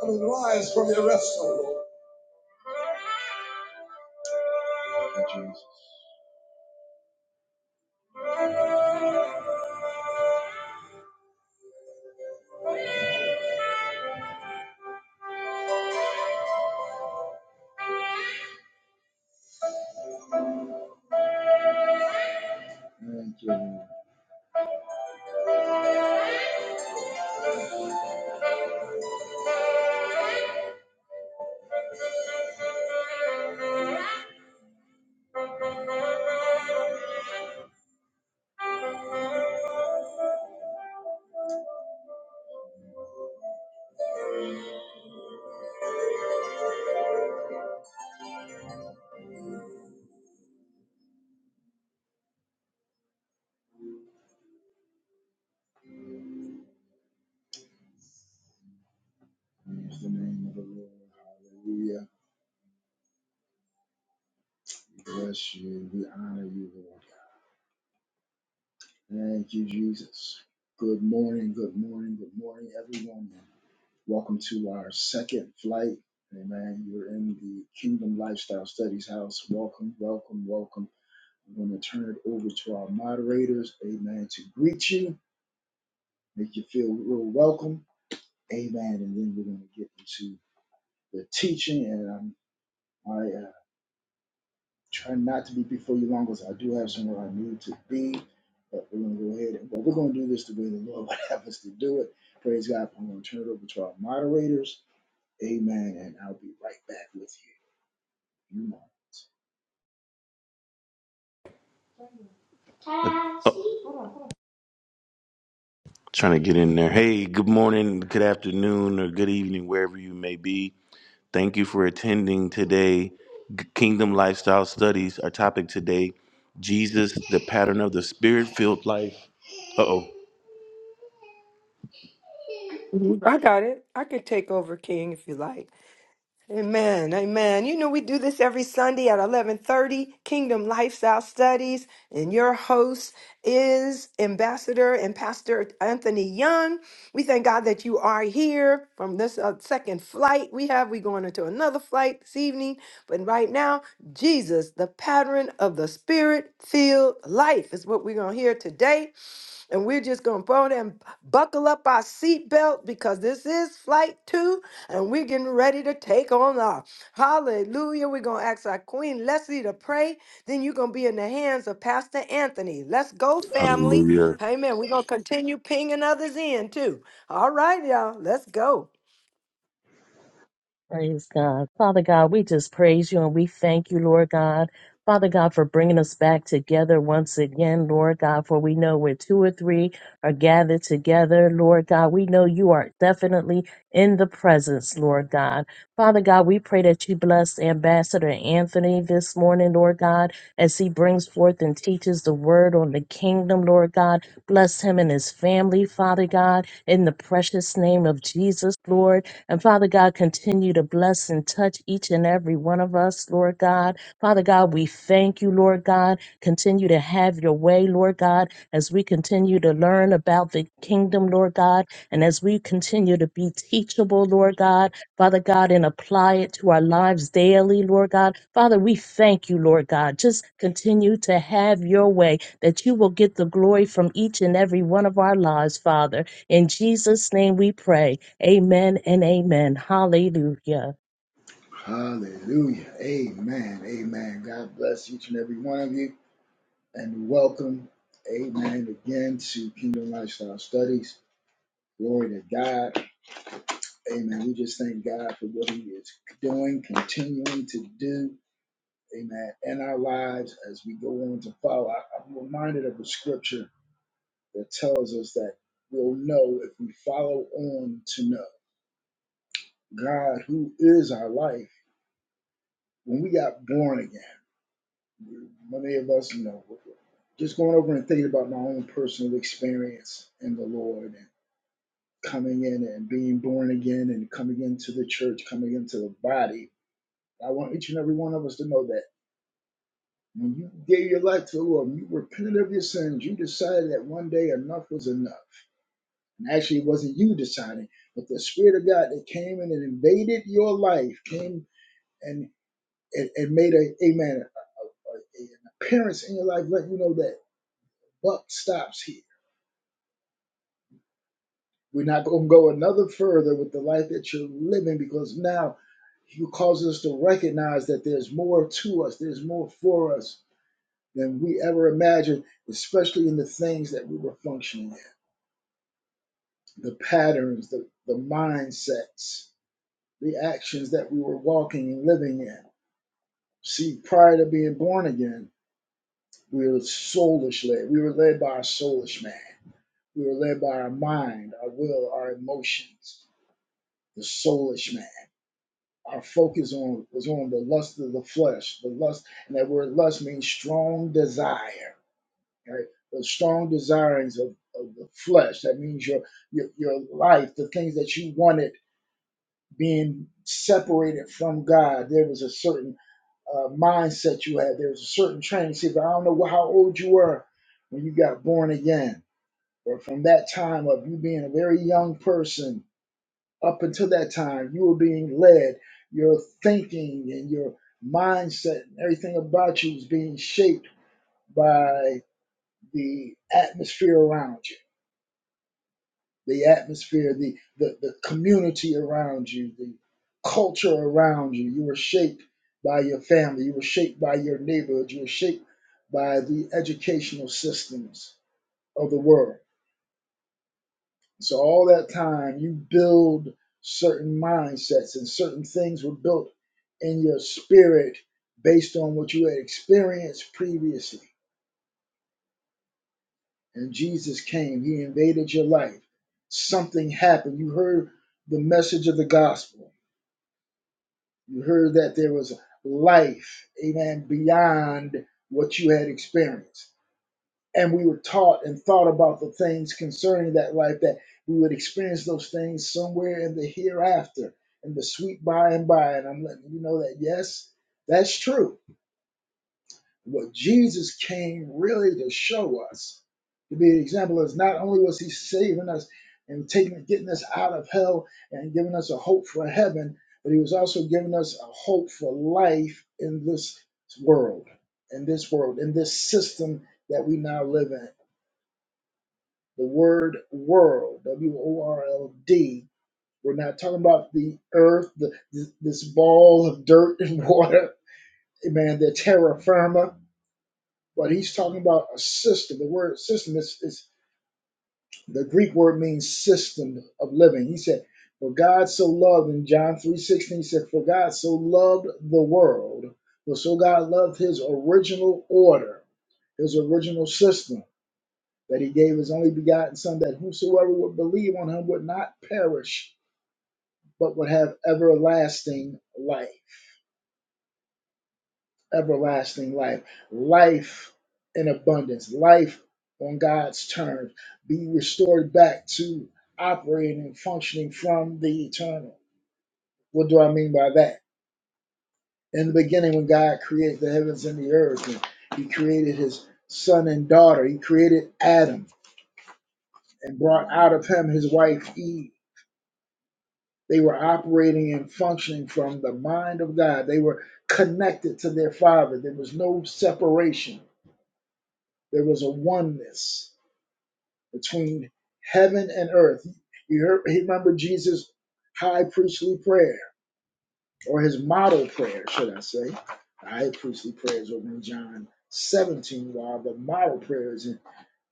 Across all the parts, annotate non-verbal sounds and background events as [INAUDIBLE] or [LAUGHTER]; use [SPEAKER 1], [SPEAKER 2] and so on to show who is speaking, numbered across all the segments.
[SPEAKER 1] Come and rise from your rest, O Lord. Thank you, Jesus. Thank you, Lord. Praise the name of the Lord. Hallelujah. We bless you. We honor you, Lord. Thank you, Jesus. Good morning, good morning, good morning, everyone. Welcome to our second flight. Amen. You're in the Kingdom Lifestyle Studies House. Welcome, welcome, welcome. We're going to turn it over to our moderators. Amen. To greet you, make you feel real welcome. Amen. And then we're going to get into the teaching, and um, I uh, try not to be before you long because I do have somewhere I need to be. But we're going to go ahead and well, we're going to do this the way the Lord [LAUGHS] would have us to do it. Praise God. I'm going to turn it over to our moderators. Amen. And I'll be right back with you. You know.
[SPEAKER 2] Oh, trying to get in there. Hey, good morning, good afternoon, or good evening, wherever you may be. Thank you for attending today. G- Kingdom Lifestyle Studies, our topic today Jesus, the pattern of the spirit filled life. Uh oh.
[SPEAKER 3] Mhm. I got it. I could take over King if you like. Amen. Amen. You know we do this every Sunday at 11:30 Kingdom Lifestyle Studies and your host is Ambassador and Pastor Anthony Young. We thank God that you are here from this uh, second flight we have. We're going into another flight this evening, but right now, Jesus, the pattern of the spirit-filled life is what we're going to hear today. And we're just going to throw them, buckle up our seatbelt because this is flight two and we're getting ready to take on off. Hallelujah. We're going to ask our Queen Leslie to pray. Then you're going to be in the hands of Pastor Anthony. Let's go, family.
[SPEAKER 2] Hallelujah.
[SPEAKER 3] Amen. We're going to continue pinging others in too. All right, y'all. Let's go.
[SPEAKER 4] Praise God. Father God, we just praise you and we thank you, Lord God. Father God, for bringing us back together once again, Lord God, for we know where two or three are gathered together, Lord God. We know you are definitely in the presence, Lord God. Father God, we pray that you bless Ambassador Anthony this morning, Lord God, as he brings forth and teaches the word on the kingdom, Lord God. Bless him and his family, Father God, in the precious name of Jesus, Lord. And Father God, continue to bless and touch each and every one of us, Lord God. Father God, we thank you, Lord God. Continue to have your way, Lord God, as we continue to learn about the kingdom, Lord God, and as we continue to be teachable, Lord God, Father God, and apply it to our lives daily, Lord God. Father, we thank you, Lord God. Just continue to have your way, that you will get the glory from each and every one of our lives, Father. In Jesus' name we pray. Amen and amen. Hallelujah.
[SPEAKER 1] Hallelujah. Amen. Amen. God bless each and every one of you and welcome. Amen. Again to Kingdom Lifestyle Studies. Glory to God. Amen. We just thank God for what He is doing, continuing to do. Amen. In our lives as we go on to follow. I, I'm reminded of a scripture that tells us that we'll know if we follow on to know God, who is our life. When we got born again, many of us, you know, just going over and thinking about my own personal experience in the Lord and coming in and being born again and coming into the church, coming into the body. I want each and every one of us to know that. When you gave your life to the Lord, when you repented of your sins, you decided that one day enough was enough. And actually, it wasn't you deciding, but the Spirit of God that came in and invaded your life came and and, and made a amen a- a- an appearance in your life, let you know that buck stops here. We're not going to go another further with the life that you're living because now you cause us to recognize that there's more to us, there's more for us than we ever imagined, especially in the things that we were functioning in. the patterns, the, the mindsets, the actions that we were walking and living in. See, prior to being born again, we were soulish led. We were led by our soulish man. We were led by our mind, our will, our emotions, the soulish man. Our focus on was on the lust of the flesh, the lust, and that word lust means strong desire, right? The strong desirings of, of the flesh. That means your, your your life, the things that you wanted being separated from God. There was a certain uh, mindset you had. There was a certain training. See, but I don't know how old you were when you got born again, but from that time of you being a very young person up until that time, you were being led. Your thinking and your mindset and everything about you was being shaped by the atmosphere around you the atmosphere, the, the, the community around you, the culture around you. You were shaped by your family, you were shaped by your neighborhood, you were shaped by the educational systems of the world. So, all that time, you build certain mindsets, and certain things were built in your spirit based on what you had experienced previously. And Jesus came, He invaded your life. Something happened. You heard the message of the gospel You heard that there was life, amen, beyond what you had experienced. And we were taught and thought about the things concerning that life that we would experience those things somewhere in the hereafter, in the sweet by and by. And I'm letting you know that, yes, that's true what Jesus came really to show us, to be an example, is not only was he saving us and taking, getting us out of hell and giving us a hope for heaven, but he was also giving us a hope for life in this world, in this world, in this system that we now live in. The word world, W O R L D, we're not talking about the earth, the, this ball of dirt and [LAUGHS] water, man, the terra firma but he's talking about a system. The word system is, is the Greek word means system of living. He said, For God so loved in John three sixteen. he said, For God so loved the world, for so God loved his original order, his original system, that he gave his only begotten son, that whosoever would believe on him would not perish, but would have everlasting life. everlasting life, life in abundance, life on God's terms, be restored back to operating and functioning from the eternal. What do I mean by that? In the beginning, when God created the heavens and the earth, and He created His son and daughter, He created Adam and brought out of him his wife Eve. They were operating and functioning from the mind of God. They were connected to their Father. There was no separation, there was a oneness between heaven and earth. You heard, he remember Jesus' high priestly prayer, or his model prayer, should I say. The high priestly prayers over in John 17, while the model prayers in,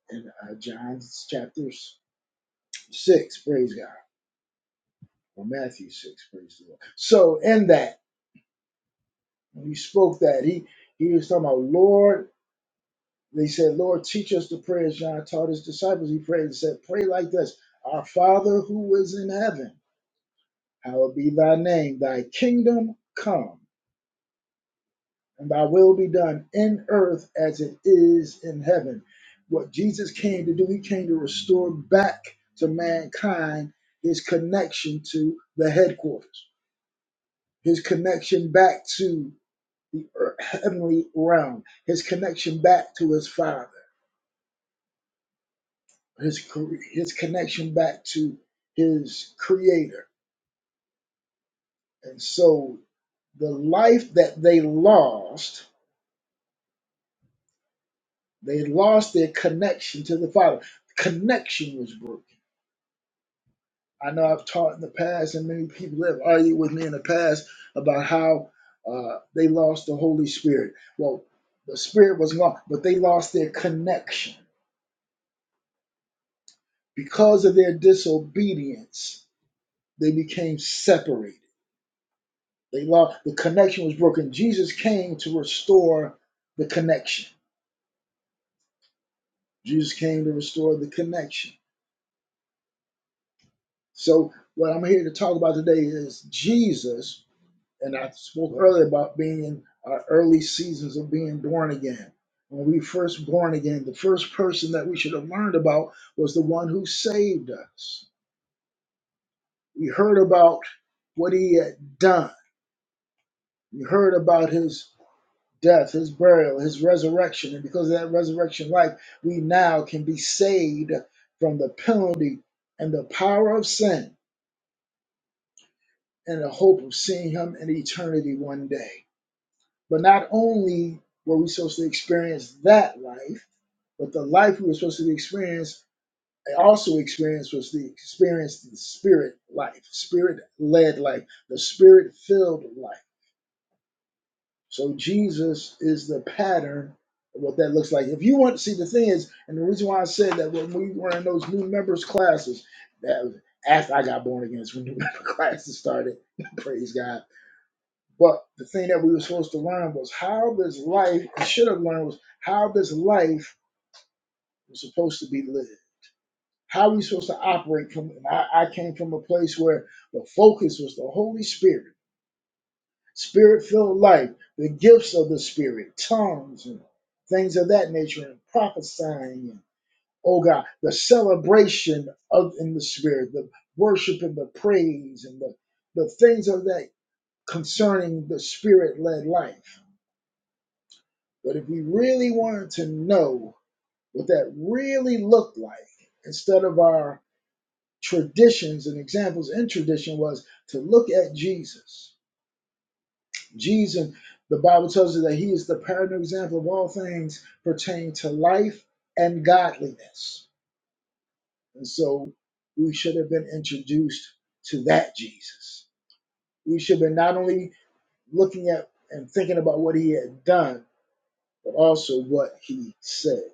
[SPEAKER 1] in uh, John chapter 6, praise God, or Matthew 6, praise the Lord. So in that, when he spoke that, he, he was talking about, Lord, they said, Lord, teach us the prayers John taught his disciples. He prayed and said, pray like this, our Father who is in heaven Hallowed be thy name, thy kingdom come, and thy will be done in earth as it is in heaven. What Jesus came to do, he came to restore back to mankind his connection to the headquarters, his connection back to the ear- heavenly realm, his connection back to his father, his, cre- his connection back to his creator. And so the life that they lost They lost their connection to the Father. Connection was broken. I know I've taught in the past, and many people have argued with me in the past about how uh, they lost the Holy Spirit. Well, the Spirit was gone, but they lost their connection because of their disobedience. They became separated. They lost the connection was broken. Jesus came to restore the connection. Jesus came to restore the connection. So what I'm here to talk about today is Jesus and I spoke earlier about being in our early seasons of being born again. When we first born again, the first person that we should have learned about was the one who saved us. We heard about what he had done. We heard about his death, his burial, his resurrection, and because of that resurrection life, we now can be saved from the penalty and the power of sin and the hope of seeing him in eternity one day. But not only were we supposed to experience that life, but the life we were supposed to experience, I also experienced was the experience the spirit life, spirit led life, the spirit filled life. So Jesus is the pattern of what that looks like. If you want to see the thing is, and the reason why I said that when we were in those new members classes, that was after I got born again, is when new member [LAUGHS] classes started. [LAUGHS] Praise God but the thing that we were supposed to learn was how this life, I should have learned was how this life was supposed to be lived. How we supposed to operate from and I, I came from a place where the focus was the Holy Spirit, spirit filled life, the gifts of the spirit, tongues and things of that nature, and prophesying and oh God, the celebration of in the spirit, the worship and the praise and the, the things of that concerning the spirit led life But if we really wanted to know what that really looked like, instead of our traditions and examples in tradition, was to look at Jesus. Jesus, the Bible tells us that he is the pattern example of all things pertaining to life and godliness. And so we should have been introduced to that Jesus. We should have been not only looking at and thinking about what he had done, but also what he said.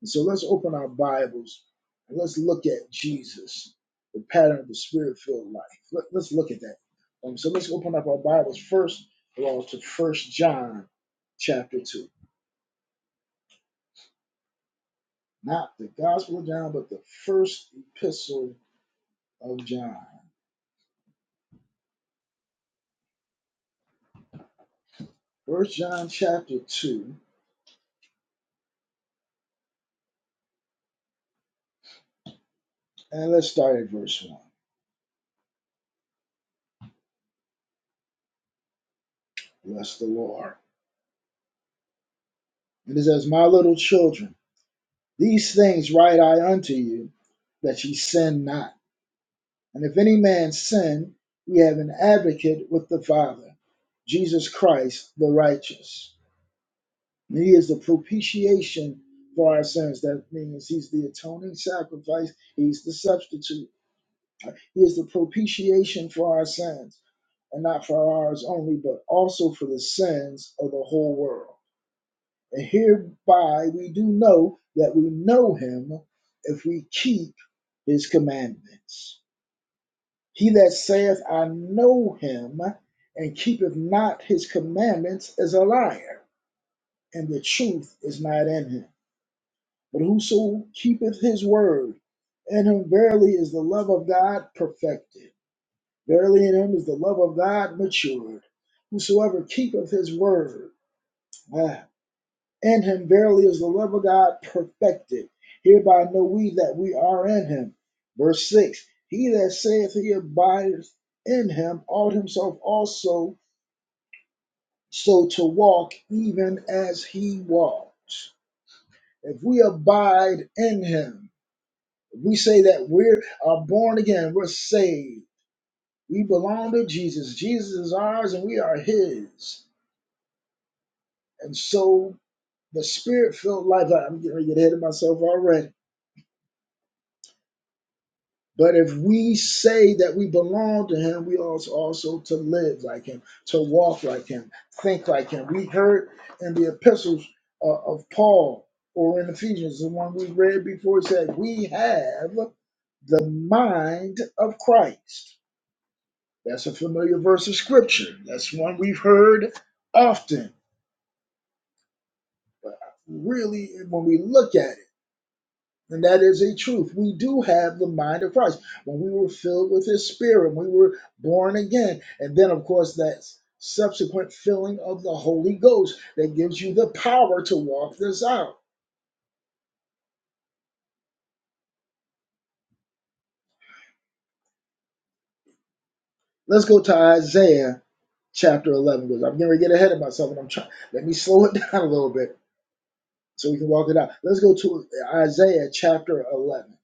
[SPEAKER 1] And so let's open our Bibles and let's look at Jesus, the pattern of the spirit filled life. Let, us look at that. Um, so let's open up our Bibles first of all to First John chapter 2. Not the Gospel of John, but the first epistle of John. First John chapter 2, and let's start at verse 1. Bless the Lord. And it says, My little children, these things write I unto you, that ye sin not. And if any man sin, we have an advocate with the Father, Jesus Christ the righteous. And he is the propitiation for our sins. That means he's the atoning sacrifice, he's the substitute. He is the propitiation for our sins, and not for ours only, but also for the sins of the whole world. And hereby we do know that we know him if we keep his commandments. He that saith, I know him, and keepeth not his commandments, is a liar, and the truth is not in him. But whoso keepeth his word, in him verily is the love of God perfected. Verily in him is the love of God matured. Whosoever keepeth his word, ah, In him verily is the love of God perfected. Hereby know we that we are in him. Verse 6 He that saith he abideth in him ought himself also so to walk even as he walked. If we abide in him, if we say that we're are born again, we're saved, we belong to Jesus. Jesus is ours and we are his. And so the spirit filled life, I'm getting ready to get ahead of myself already But if we say that we belong to him, we also also to live like him, to walk like him, think like him. We heard in the epistles uh, of Paul or in Ephesians, the one we read before, it said, We have the mind of Christ. That's a familiar verse of scripture. That's one we've heard often. Really, when we look at it, And that is a truth. We do have the mind of Christ. When we were filled with his spirit, we were born again. And then, of course, that subsequent filling of the Holy Ghost that gives you the power to walk this out. Let's go to Isaiah chapter 11 because I'm getting to get ahead of myself and I'm trying. Let me [LAUGHS] slow it down a little bit so we can walk it out. Let's go to Isaiah chapter 11.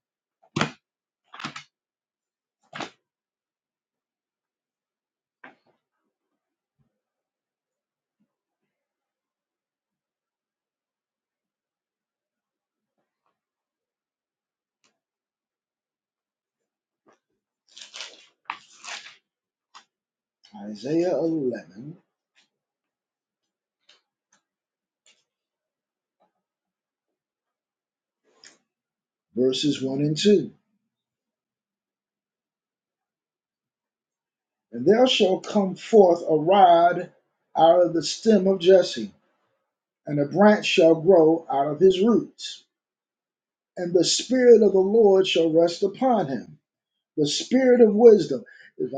[SPEAKER 1] Isaiah 11, verses 1 and 2. And there shall come forth a rod out of the stem of Jesse, and a branch shall grow out of his roots. And the Spirit of the Lord shall rest upon him, the Spirit of wisdom. This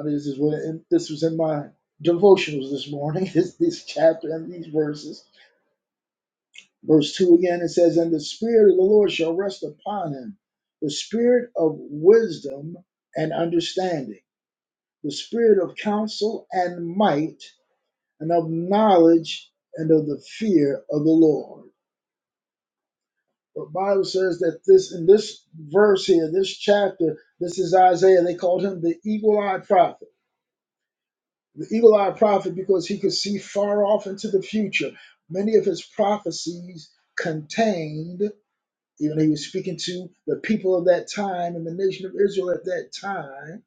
[SPEAKER 1] was in my devotionals this morning. [LAUGHS] This this chapter and these verses. Verse two again it says, "And the Spirit of the Lord shall rest upon him, the Spirit of wisdom and understanding, the Spirit of counsel and might." and of knowledge and of the fear of the Lord. The Bible says that this in this verse here, this chapter, this is Isaiah. They called him the eagle-eyed prophet. The eagle-eyed prophet because he could see far off into the future. Many of his prophecies contained, even he was speaking to the people of that time and the nation of Israel at that time.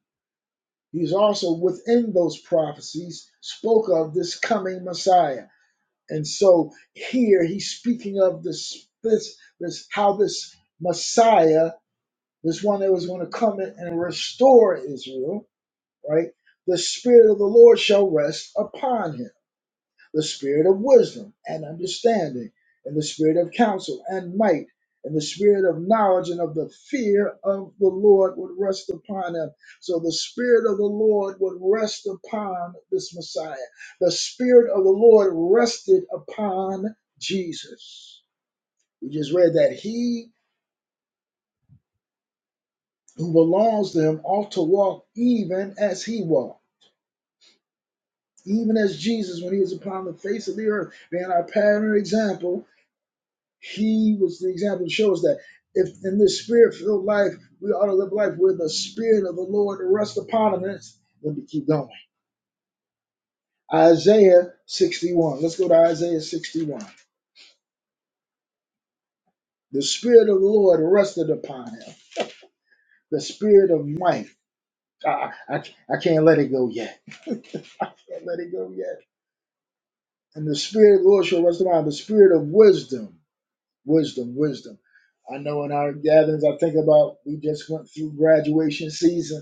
[SPEAKER 1] He's also within those prophecies spoke of this coming Messiah. And so here he's speaking of this this this how this Messiah, this one that was going to come in and restore Israel, right? The spirit of the Lord shall rest upon him the spirit of wisdom and understanding, and the spirit of counsel and might, and the spirit of knowledge and of the fear of the Lord would rest upon him. So the spirit of the Lord would rest upon this Messiah. The spirit of the Lord rested upon Jesus. We just read that he who belongs to him ought to walk even as he walked, even as Jesus when he was upon the face of the earth, being our pattern and example He was the example to show us that if in this spirit filled life, we ought to live life where the spirit of the Lord rests upon us. And it's- let me keep going. Isaiah 61. Let's go to Isaiah 61. The spirit of the Lord rested upon him, the spirit of might. I, I, I can't let it go yet. I can't let it go yet. And the spirit of the Lord shall rest upon him, the spirit of wisdom, wisdom, wisdom. I know in our gatherings, I think about we just went through graduation season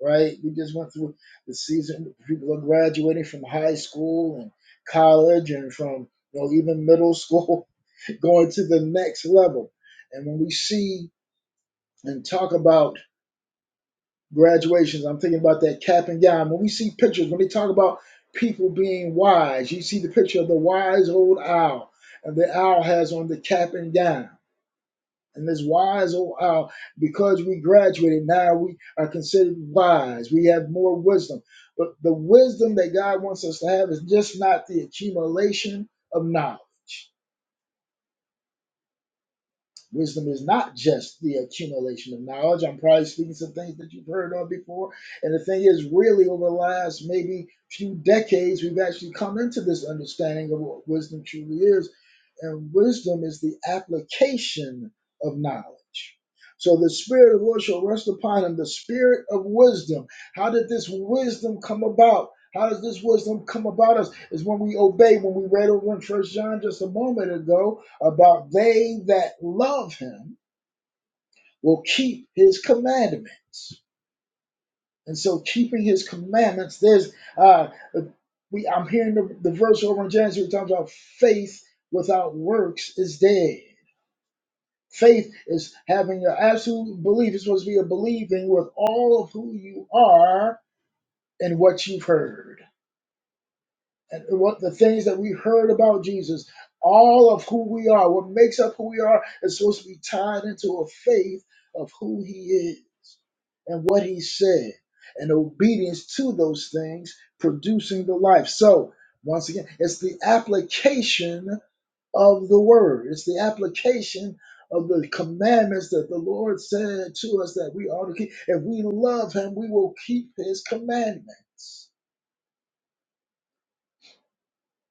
[SPEAKER 1] right? We just went through the season. People are graduating from high school and college and from you know even middle school, [LAUGHS] going to the next level. And when we see and talk about graduations, I'm thinking about that cap and gown. When we see pictures, when they talk about people being wise, you see the picture of the wise old owl, and the owl has on the cap and gown and as wise oh how because we graduated now we are considered wise we have more wisdom but the wisdom that god wants us to have is just not the accumulation of knowledge wisdom is not just the accumulation of knowledge i'm probably speaking some things that you've heard of before and the thing is really over the last maybe few decades we've actually come into this understanding of what wisdom truly is and wisdom is the application of knowledge. So the Spirit of the Lord shall rest upon him, the Spirit of wisdom. How did this wisdom come about? How does this wisdom come about us? Is when we obey, when we read over in First John just a moment ago about they that love him will keep his commandments. And so keeping his commandments, there's uh we I'm hearing the, the verse over in James where it talks about faith without works is dead. Faith is having your absolute belief. It's supposed to be a believing with all of who you are and what you've heard. And what the things that we heard about Jesus, all of who we are, what makes up who we are, is supposed to be tied into a faith of who he is and what he said, and obedience to those things producing the life. So, once again, it's the application of the word. It's the application of the commandments that the Lord said to us that we ought to keep. If we love Him, we will keep His commandments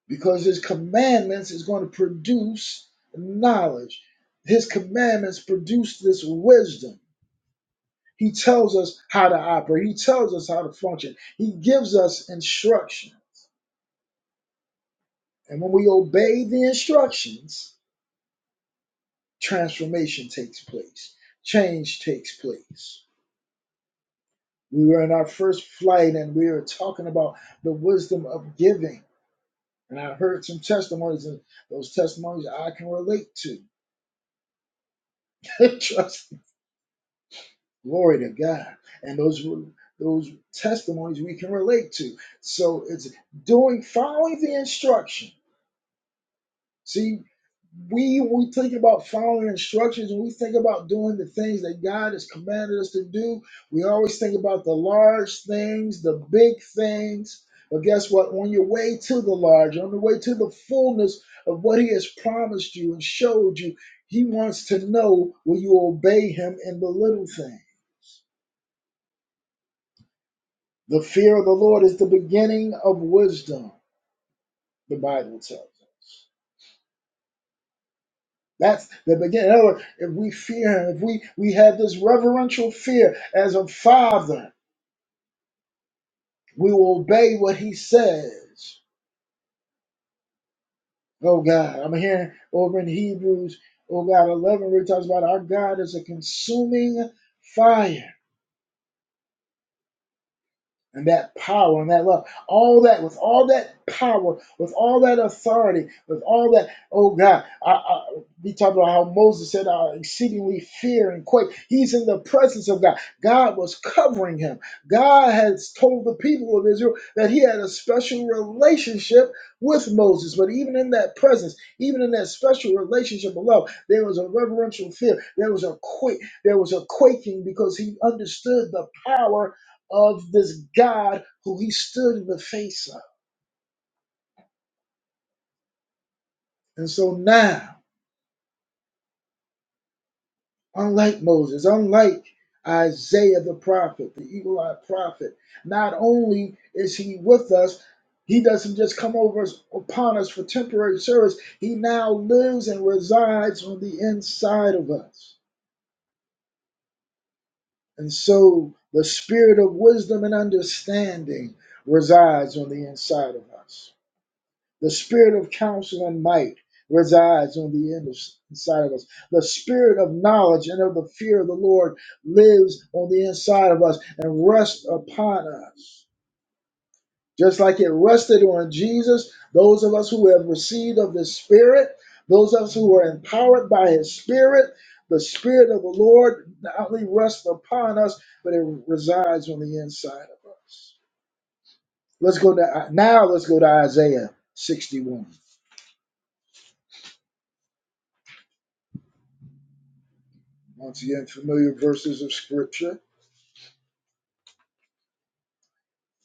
[SPEAKER 1] because His commandments is going to produce knowledge. His commandments produce this wisdom. He tells us how to operate. He tells us how to function. He gives us instruction. And when we obey the instructions, transformation takes place. Change takes place. We were in our first flight and we were talking about the wisdom of giving. And I heard some testimonies, and those testimonies I can relate to. [LAUGHS] Trust me. Glory to God. And those those testimonies we can relate to. So it's doing following the instruction. See, we we think about following instructions and we think about doing the things that God has commanded us to do. We always think about the large things, the big things. But guess what? On your way to the large, on the way to the fullness of what He has promised you and showed you, He wants to know will you obey Him in the little thing. The fear of the Lord is the beginning of wisdom, the Bible tells us. That's the beginning. In other words, if we fear him, if we, we have this reverential fear as a father, we will obey what he says. Oh God, I'm hearing over in Hebrews, oh God, 11, where it talks about our God is a consuming fire. and that power and that love, all that with all that power, with all that authority, with all that. Oh God, I, I, we talked about how Moses said, "I exceedingly fear and quake." He's in the presence of God. God was covering him. God has told the people of Israel that He had a special relationship with Moses, but even in that presence, even in that special relationship of love, there was a reverential fear. There was a quake. There was a quaking because he understood the power of this God who he stood in the face of. And so now, unlike Moses, unlike Isaiah the prophet, the eagle eyed prophet, not only is he with us, he doesn't just come over us, upon us for temporary service, he now lives and resides on the inside of us. And so the spirit of wisdom and understanding resides on the inside of us. The spirit of counsel and might resides on the in- inside of us. The spirit of knowledge and of the fear of the Lord lives on the inside of us and rests upon us. Just like it rested on Jesus, those of us who have received of the Spirit, those of us who are empowered by His Spirit, the Spirit of the Lord not only rests upon us, but it resides on the inside of us. Let's go to now. Let's go to Isaiah 61. Once again, familiar verses of scripture.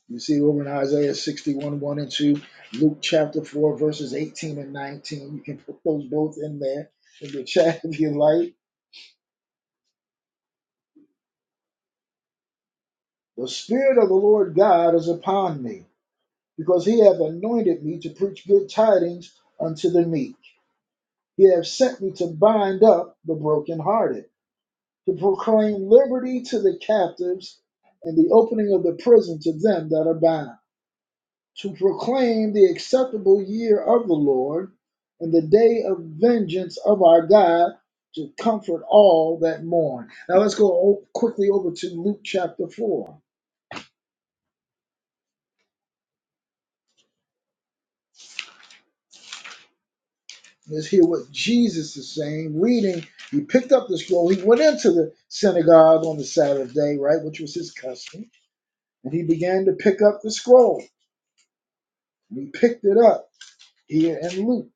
[SPEAKER 1] You see over in Isaiah 61, 1 and 2, Luke chapter 4, verses 18 and 19. You can put those both in there in the chat if you like. The Spirit of the Lord God is upon me, because he hath anointed me to preach good tidings unto the meek. He hath sent me to bind up the brokenhearted, to proclaim liberty to the captives, and the opening of the prison to them that are bound to proclaim the acceptable year of the Lord and the day of vengeance of our God to comfort all that mourn. Now let's go o- quickly over to Luke chapter 4. Let's hear what Jesus is saying. Reading, he picked up the scroll. He went into the synagogue on the Sabbath day, right, which was his custom, and he began to pick up the scroll. And he picked it up here in Luke.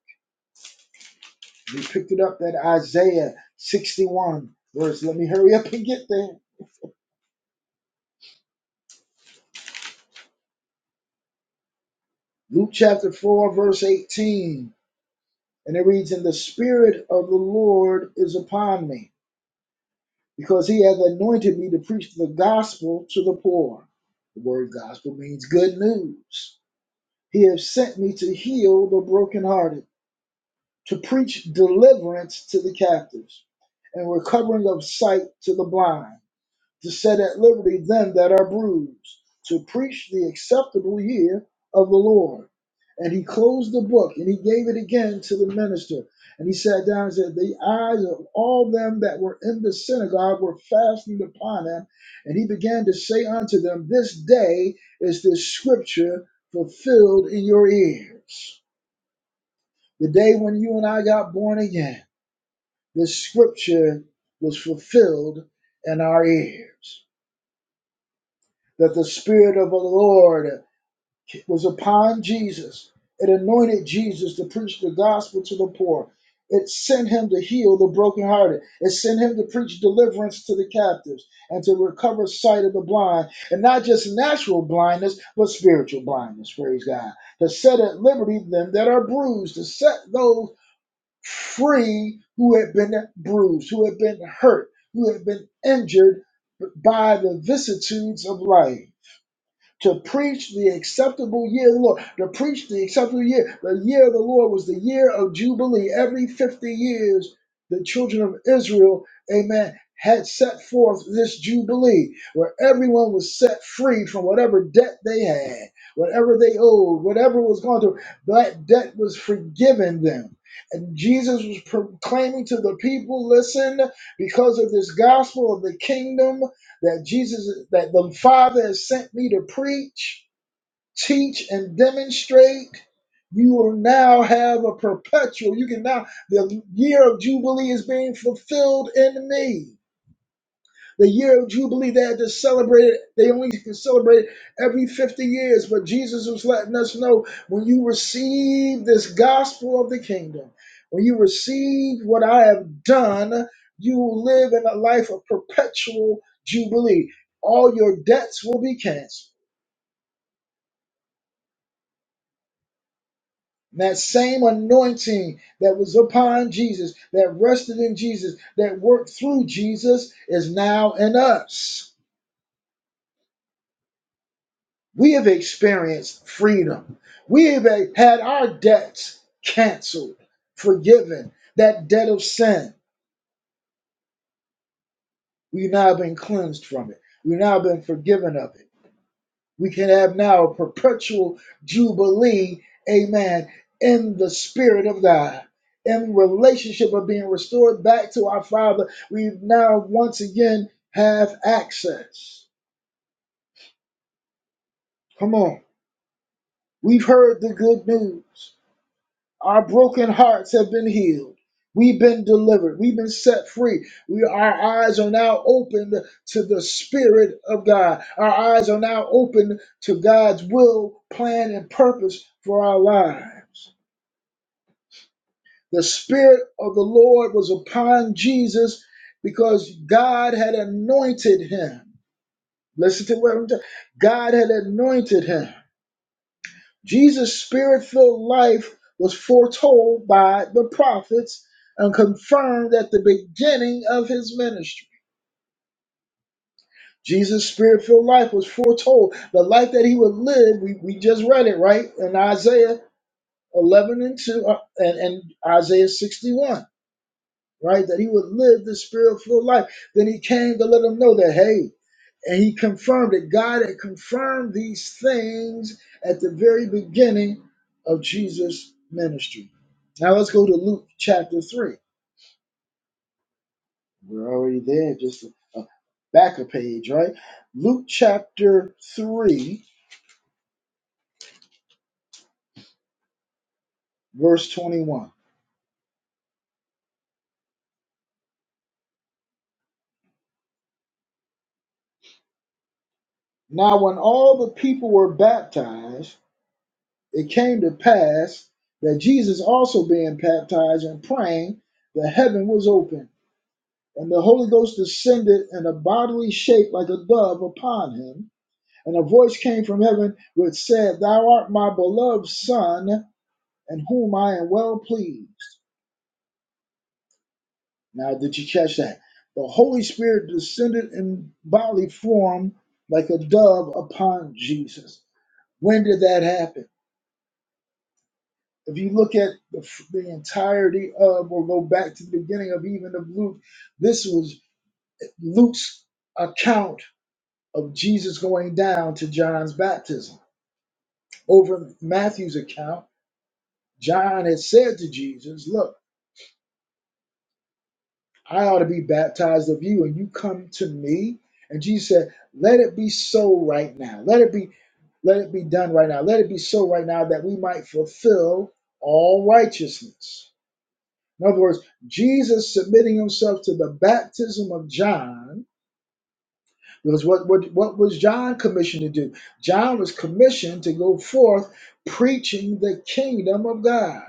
[SPEAKER 1] He picked it up at Isaiah 61, verse. Let me hurry up and get there Luke chapter 4, verse 18. And it reads, And the Spirit of the Lord is upon me, because he hath anointed me to preach the gospel to the poor. The word gospel means good news. He hath sent me to heal the brokenhearted, to preach deliverance to the captives, and recovering of sight to the blind to set at liberty them that are bruised, to preach the acceptable year of the Lord. And he closed the book and he gave it again to the minister. And he sat down and said, The eyes of all them that were in the synagogue were fastened upon him. And he began to say unto them, This day is this scripture fulfilled in your ears. The day when you and I got born again, this scripture was fulfilled in our ears. that the Spirit of the Lord was upon Jesus. It anointed Jesus to preach the gospel to the poor. It sent him to heal the brokenhearted. It sent him to preach deliverance to the captives and to recover sight of the blind. And not just natural blindness, but spiritual blindness, praise God. To set at liberty them that are bruised, to set those free who have been bruised, who have been hurt, who have been injured by the vicissitudes of life to preach the acceptable year of the Lord, to preach the acceptable year. The year of the Lord was the year of Jubilee. Every 50 years, the children of Israel, amen, had set forth this Jubilee where everyone was set free from whatever debt they had, whatever they owed, whatever was going through, that debt was forgiven them. And Jesus was proclaiming to the people, listen, because of this gospel of the kingdom that Jesus, that the Father has sent me to preach, teach, and demonstrate. You will now have a perpetual. You can now the year of jubilee is being fulfilled in me. The year of Jubilee they had to celebrate it. They only could celebrate it every 50 years. But Jesus was letting us know when you receive this gospel of the kingdom, when you receive what I have done, you will live in a life of perpetual Jubilee. All your debts will be canceled. That same anointing that was upon Jesus, that rested in Jesus, that worked through Jesus, is now in us. We have experienced freedom. We have had our debts canceled, forgiven. That debt of sin, we've now been cleansed from it. We've now been forgiven of it. We can have now a perpetual jubilee, amen, in the Spirit of God. In relationship of being restored back to our Father, we now once again have access. Come on. We've heard the good news. Our broken hearts have been healed. We've been delivered. We've been set free. We, our eyes are now opened to the Spirit of God. Our eyes are now open to God's will, plan, and purpose for our lives. The Spirit of the Lord was upon Jesus because God had anointed him. Listen to what I'm saying. God had anointed him. Jesus' spirit filled life was foretold by the prophets and confirmed at the beginning of his ministry. Jesus' spirit filled life was foretold. The life that he would live, we, we just read it, right? In Isaiah 11 and 2 uh, and, and Isaiah 61, right? That he would live the spirit filled life. Then he came to let them know that, hey, And he confirmed it. God had confirmed these things at the very beginning of Jesus' ministry. Now let's go to Luke chapter 3. We're already there, just a, a back a page, right? Luke chapter 3, verse 21. Now, when all the people were baptized, it came to pass that Jesus also being baptized and praying, the heaven was opened And the Holy Ghost descended in a bodily shape like a dove upon him. And a voice came from heaven which said, Thou art my beloved Son, in whom I am well pleased. Now, did you catch that? The Holy Spirit descended in bodily form like a dove upon Jesus. When did that happen? If you look at the, the entirety of, or go back to the beginning of even of Luke, this was Luke's account of Jesus going down to John's baptism. Over Matthew's account, John had said to Jesus, Look, I ought to be baptized of you, and you come to me. And Jesus said, Let it be so right now. Let it be, let it be done right now. Let it be so right now that we might fulfill all righteousness. In other words, Jesus submitting himself to the baptism of John Because what, what, what was John commissioned to do? John was commissioned to go forth preaching the kingdom of God.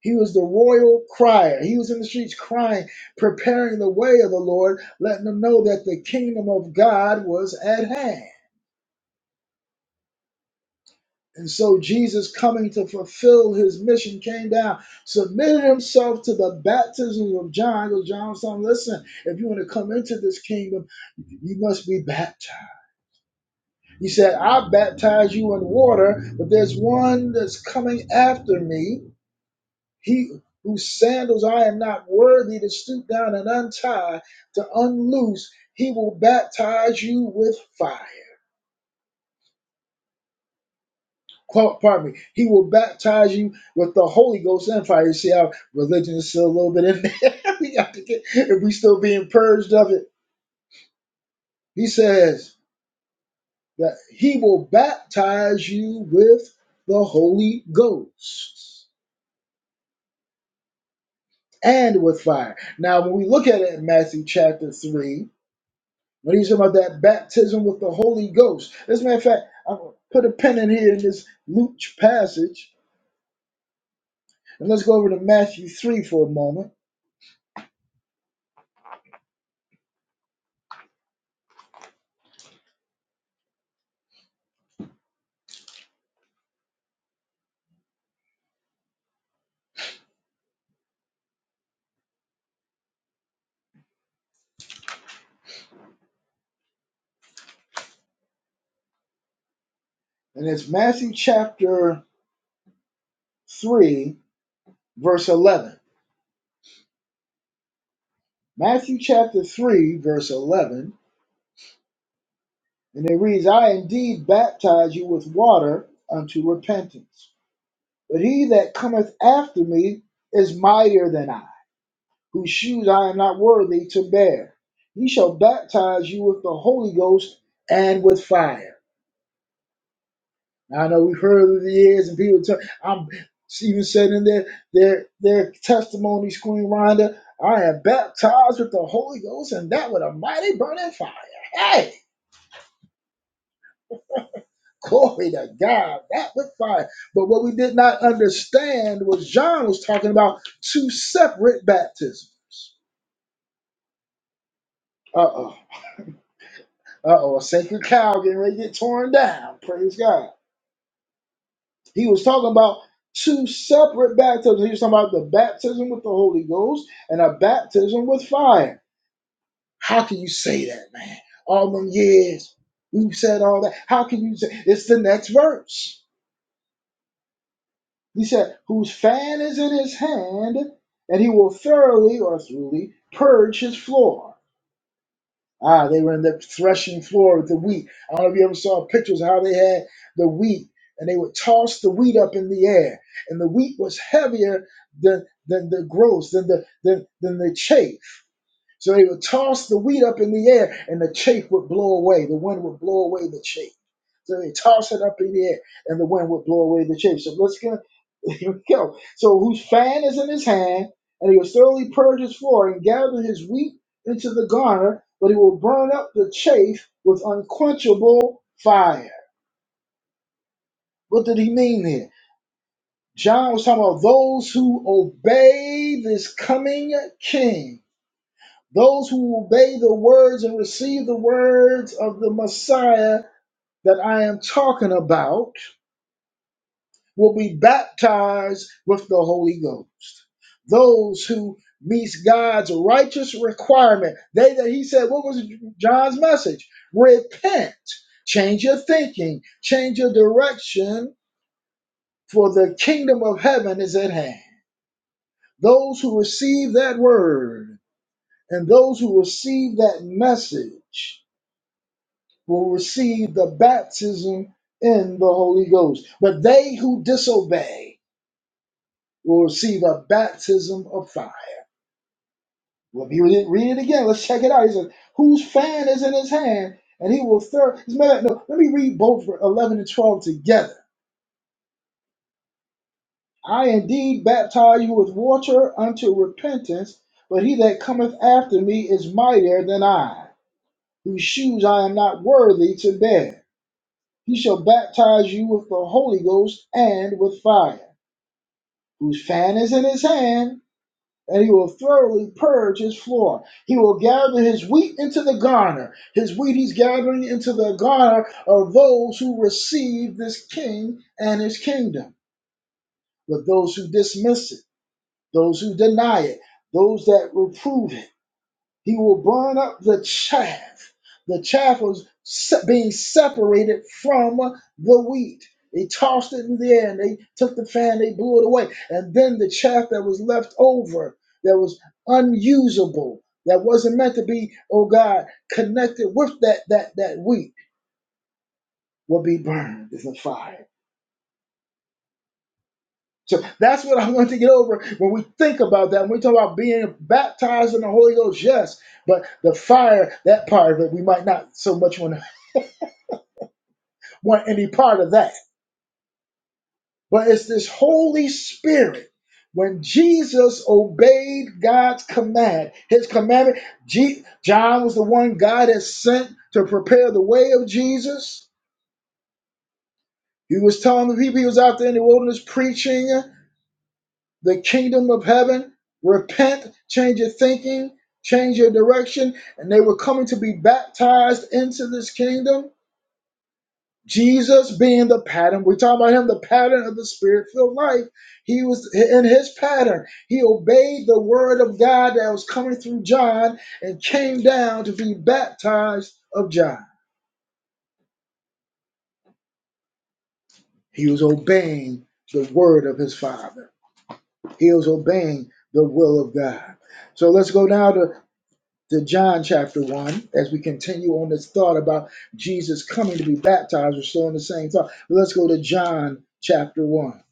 [SPEAKER 1] He was the royal crier. He was in the streets crying, preparing the way of the Lord, letting them know that the kingdom of God was at hand. And so Jesus, coming to fulfill his mission, came down, submitted himself to the baptism of John. Because John was telling, listen, if you want to come into this kingdom, you must be baptized. He said, I baptize you in water, but there's one that's coming after me, he whose sandals I am not worthy to stoop down and untie, to unloose. He will baptize you with fire. Qu- Pardon me. He will baptize you with the Holy Ghost and fire. You see how religion is still a little bit in there. [LAUGHS] we got to get, if we still being purged of it. He says that he will baptize you with the Holy Ghost and with fire. Now, when we look at it in Matthew chapter 3, when he's talking about that baptism with the Holy Ghost, as a matter of fact, I'm going to put a pen in here in this Luke passage, and let's go over to Matthew 3 for a moment. And it's Matthew chapter 3, verse 11. Matthew chapter 3, verse 11, and it reads, I indeed baptize you with water unto repentance, but he that cometh after me is mightier than I whose shoes I am not worthy to bear. He shall baptize you with the Holy Ghost and with fire. Now, I know we've heard over the years, and people tell I'm even said in their their their testimony, Queen Rhonda, I am baptized with the Holy Ghost and that with a mighty burning fire. Hey, glory to God, that with fire. But what we did not understand was John was talking about two separate baptisms. Uh oh. Uh oh, a sacred cow getting ready to get torn down. Praise God. He was talking about two separate baptisms. He was talking about the baptism with the Holy Ghost and a baptism with fire. How can you say that, man? All them years, you said all that. How can you say it's the next verse? He said, Whose fan is in his hand, and he will thoroughly or thoroughly purge his floor Ah, they were in the threshing floor with the wheat. I don't know if you ever saw pictures of how they had the wheat and they would toss the wheat up in the air. And the wheat was heavier than than the gross, than the than, than the chaff. So they would toss the wheat up in the air and the chaff would blow away. The wind would blow away the chaff. So they toss it up in the air and the wind would blow away the chaff. So let's go. [LAUGHS] Here we go. So whose fan is in his hand, and he will thoroughly purge his floor and gather his wheat into the garner, but he will burn up the chaff with unquenchable fire. What did he mean here? John was talking about those who obey this coming king Those who obey the words and receive the words of the Messiah that I am talking about will be baptized with the Holy Ghost. Those who meet God's righteous requirement, they that he said, what was John's message? Repent, change your thinking, change your direction, for the kingdom of heaven is at hand. Those who receive that word and those who receive that message will receive the baptism in the Holy Ghost. But they who disobey will receive a baptism of fire. Let me read it, read it again. Let's check it out. He says, Whose fan is in his hand, and he will thirst. As a matter of- fact, No, let me read both for 11 and 12 together. I indeed baptize you with water unto repentance, but he that cometh after me is mightier than I, whose shoes I am not worthy to bear. He shall baptize you with the Holy Ghost and with fire. whose fan is in his hand, and he will thoroughly purge his floor. He will gather his wheat into the garner. His wheat he's gathering into the garner of those who receive this king and his kingdom. But those who dismiss it, those who deny it, those that reprove it, he will burn up the chaff. The chaff was se- being separated from the wheat. They tossed it in the air and they took the fan, they blew it away. And then the chaff that was left over, that was unusable, that wasn't meant to be, oh God, connected with that that that wheat will be burned in the fire. So that's what I want to get over when we think about that. When we talk about being baptized in the Holy Ghost, yes, but the fire, that part of it, we might not so much want to want any part of that. But it's this Holy Spirit. When Jesus obeyed God's command, his commandment, Je- John was the one God had sent to prepare the way of Jesus. He was telling the people he was out there in the wilderness preaching the kingdom of heaven. Repent, change your thinking, change your direction. And they were coming to be baptized into this kingdom Jesus being the pattern, we're talking about him, the pattern of the spirit filled life. He was in his pattern. He obeyed the word of God that was coming through John and came down to be baptized of John. He was obeying the word of his father, he was obeying the will of God. So let's go now to, to John chapter 1 as we continue on this thought about Jesus coming to be baptized. We're still in the same thought. Let's go to John chapter 1.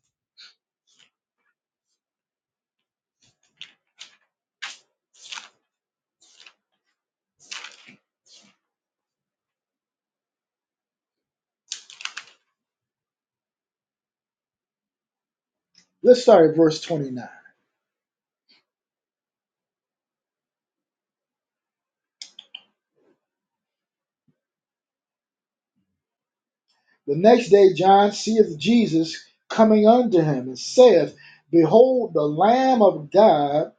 [SPEAKER 1] Let's start at verse 29. The next day John seeth Jesus coming unto him, and saith, Behold the Lamb of God,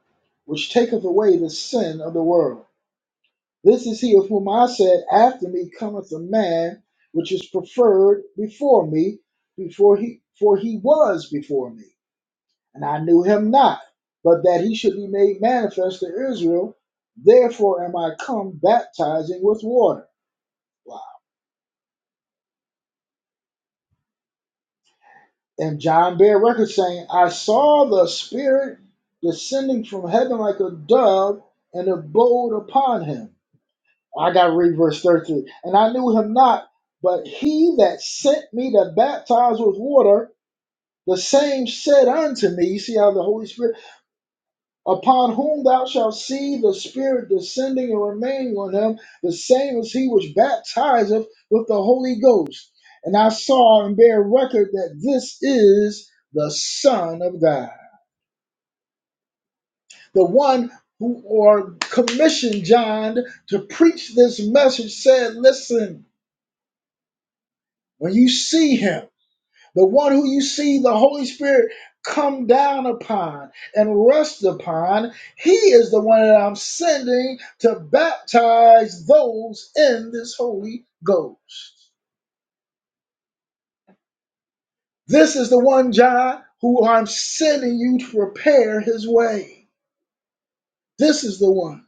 [SPEAKER 1] which taketh away the sin of the world. This is he of whom I said, After me cometh a man which is preferred before me, before he for he was before me, and I knew him not, but that he should be made manifest to Israel. Therefore am I come baptizing with water. Wow. And John bare record saying, I saw the Spirit descending from heaven like a dove, and abode upon him. I got to read verse 33. And I knew him not, but he that sent me to baptize with water, the same said unto me, You see how the Holy Spirit upon whom thou shalt see the Spirit descending and remaining on him, the same as he which baptizeth with the Holy Ghost. And I saw and bear record that this is the Son of God, the one who or commissioned John to preach this message said, Listen, when you see him. the one who you see the Holy Spirit come down upon and rest upon, he is the one that I'm sending to baptize those in this Holy Ghost. This is the one, John, who I'm sending you to prepare his way. This is the one.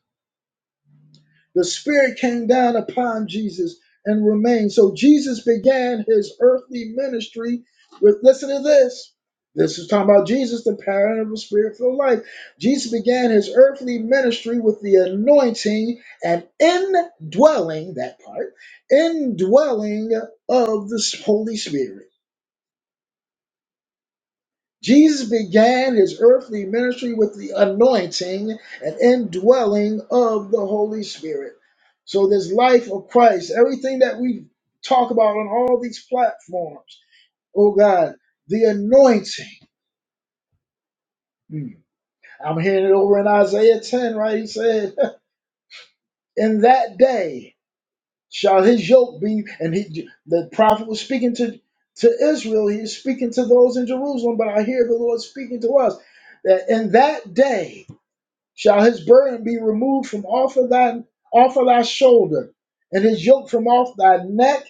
[SPEAKER 1] The Spirit came down upon Jesus and remained. So Jesus began his earthly ministry with, listen to this. This is talking about Jesus, the pattern of a spirit filled life. Jesus began his earthly ministry with the anointing and indwelling, that part, indwelling of the Holy Spirit. Jesus began his earthly ministry with the anointing and indwelling of the Holy Spirit. So, this life of Christ, everything that we talk about on all these platforms, oh God, the anointing. Hmm. I'm hearing it over in Isaiah 10, right? He said, [LAUGHS] In that day shall his yoke be, and he, the prophet was speaking to, to Israel, he was speaking to those in Jerusalem, but I hear the Lord speaking to us that in that day, shall his burden be removed from off of thy off of thy shoulder, and his yoke from off thy neck,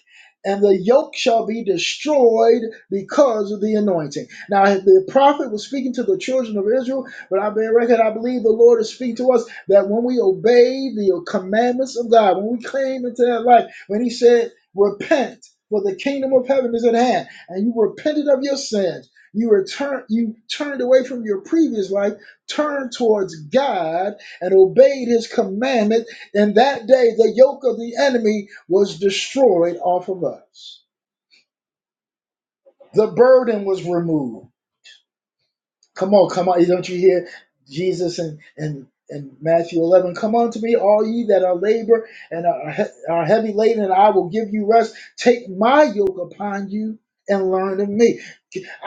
[SPEAKER 1] and the yoke shall be destroyed because of the anointing. Now the prophet was speaking to the children of Israel, but I bear record, I believe the Lord is speaking to us that when we obey the commandments of God, when we claim into that life, when he said, Repent, for the kingdom of heaven is at hand, and you repented of your sins. You return you turned away from your previous life turned towards God and obeyed his commandment, in that day the yoke of the enemy was destroyed off of us. The burden was removed. Come on, come on. Hey, Don't you hear Jesus and and and Matthew 11, come unto me, all ye that are labor and are, he- are heavy laden, and I will give you rest. Take my yoke upon you and learn of me.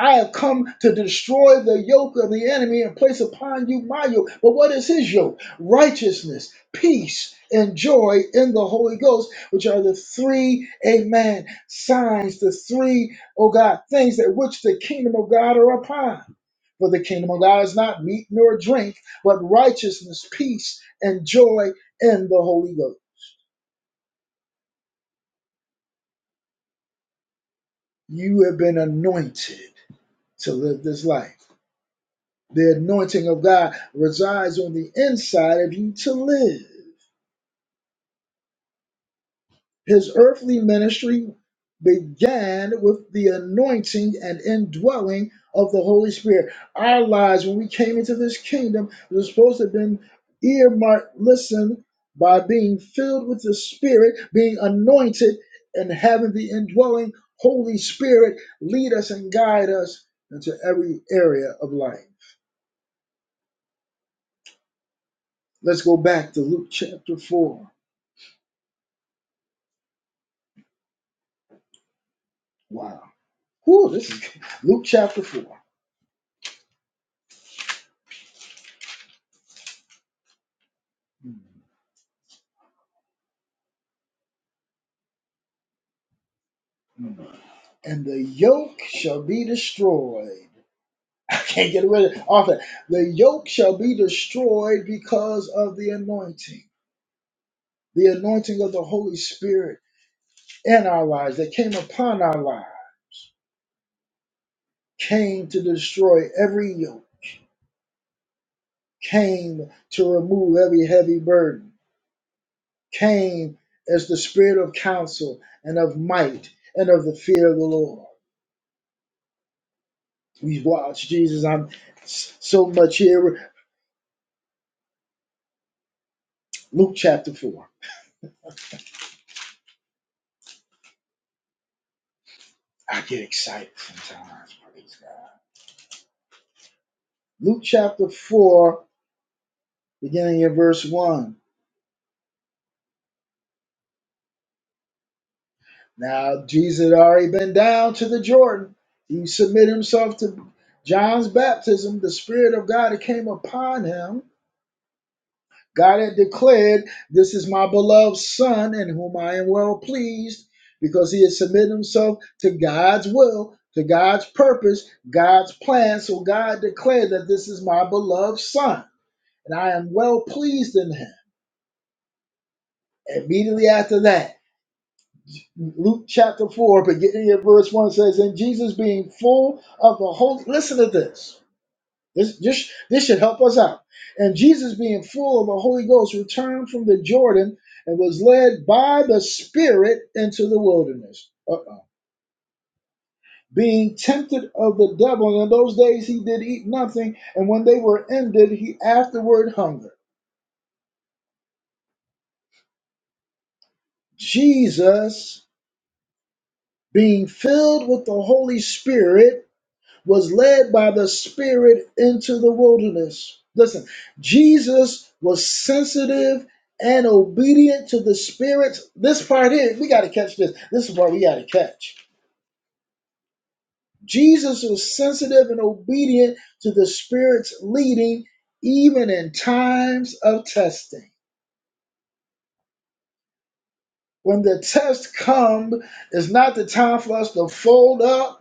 [SPEAKER 1] I have come to destroy the yoke of the enemy and place upon you my yoke. But what is his yoke? Righteousness, peace, and joy in the Holy Ghost, which are the three, amen, signs, the three, oh God, things that which the kingdom of God are upon. For the kingdom of God is not meat nor drink, but righteousness, peace, and joy in the Holy Ghost. You have been anointed to live this life. The anointing of God resides on the inside of you to live. His earthly ministry began with the anointing and indwelling of the Holy Spirit. Our lives, when we came into this kingdom, was supposed to have been earmarked, listen, by being filled with the Spirit, being anointed, and having the indwelling Holy Spirit lead us and guide us into every area of life. Let's go back to Luke chapter 4. Wow. Whew, this is [LAUGHS] Luke chapter 4. Hmm. and the yoke shall be destroyed. [LAUGHS] I can't get rid of off that. The yoke shall be destroyed because of the anointing, the anointing of the Holy Spirit in our lives that came upon our lives, came to destroy every yoke, came to remove every heavy burden, came as the spirit of counsel and of might and of the fear of the Lord. We watch Jesus. I'm so much here. Luke chapter 4. I get excited sometimes. Praise God. Luke chapter 4, beginning at verse 1. Now, Jesus had already been down to the Jordan. He submitted himself to John's baptism. The Spirit of God that came upon him. God had declared, This is my beloved Son, in whom I am well pleased, because he had submitted himself to God's will, to God's purpose, God's plan. So God declared that this is my beloved Son, and I am well pleased in him. Immediately after that, Luke chapter 4, beginning at verse 1 says, And Jesus being full of the Holy listen to this. This, this. this should help us out. And Jesus being full of the Holy Ghost returned from the Jordan and was led by the Spirit into the wilderness. Uh-oh. Being tempted of the devil, and in those days he did eat nothing, and when they were ended, he afterward hungered. Jesus being filled with the Holy Spirit was led by the Spirit into the wilderness. Listen, Jesus was sensitive and obedient to the Spirit. This part here, we got to catch this. This is what we got to catch. Jesus was sensitive and obedient to the Spirit's leading, even in times of testing. When the test come, it's not the time for us to fold up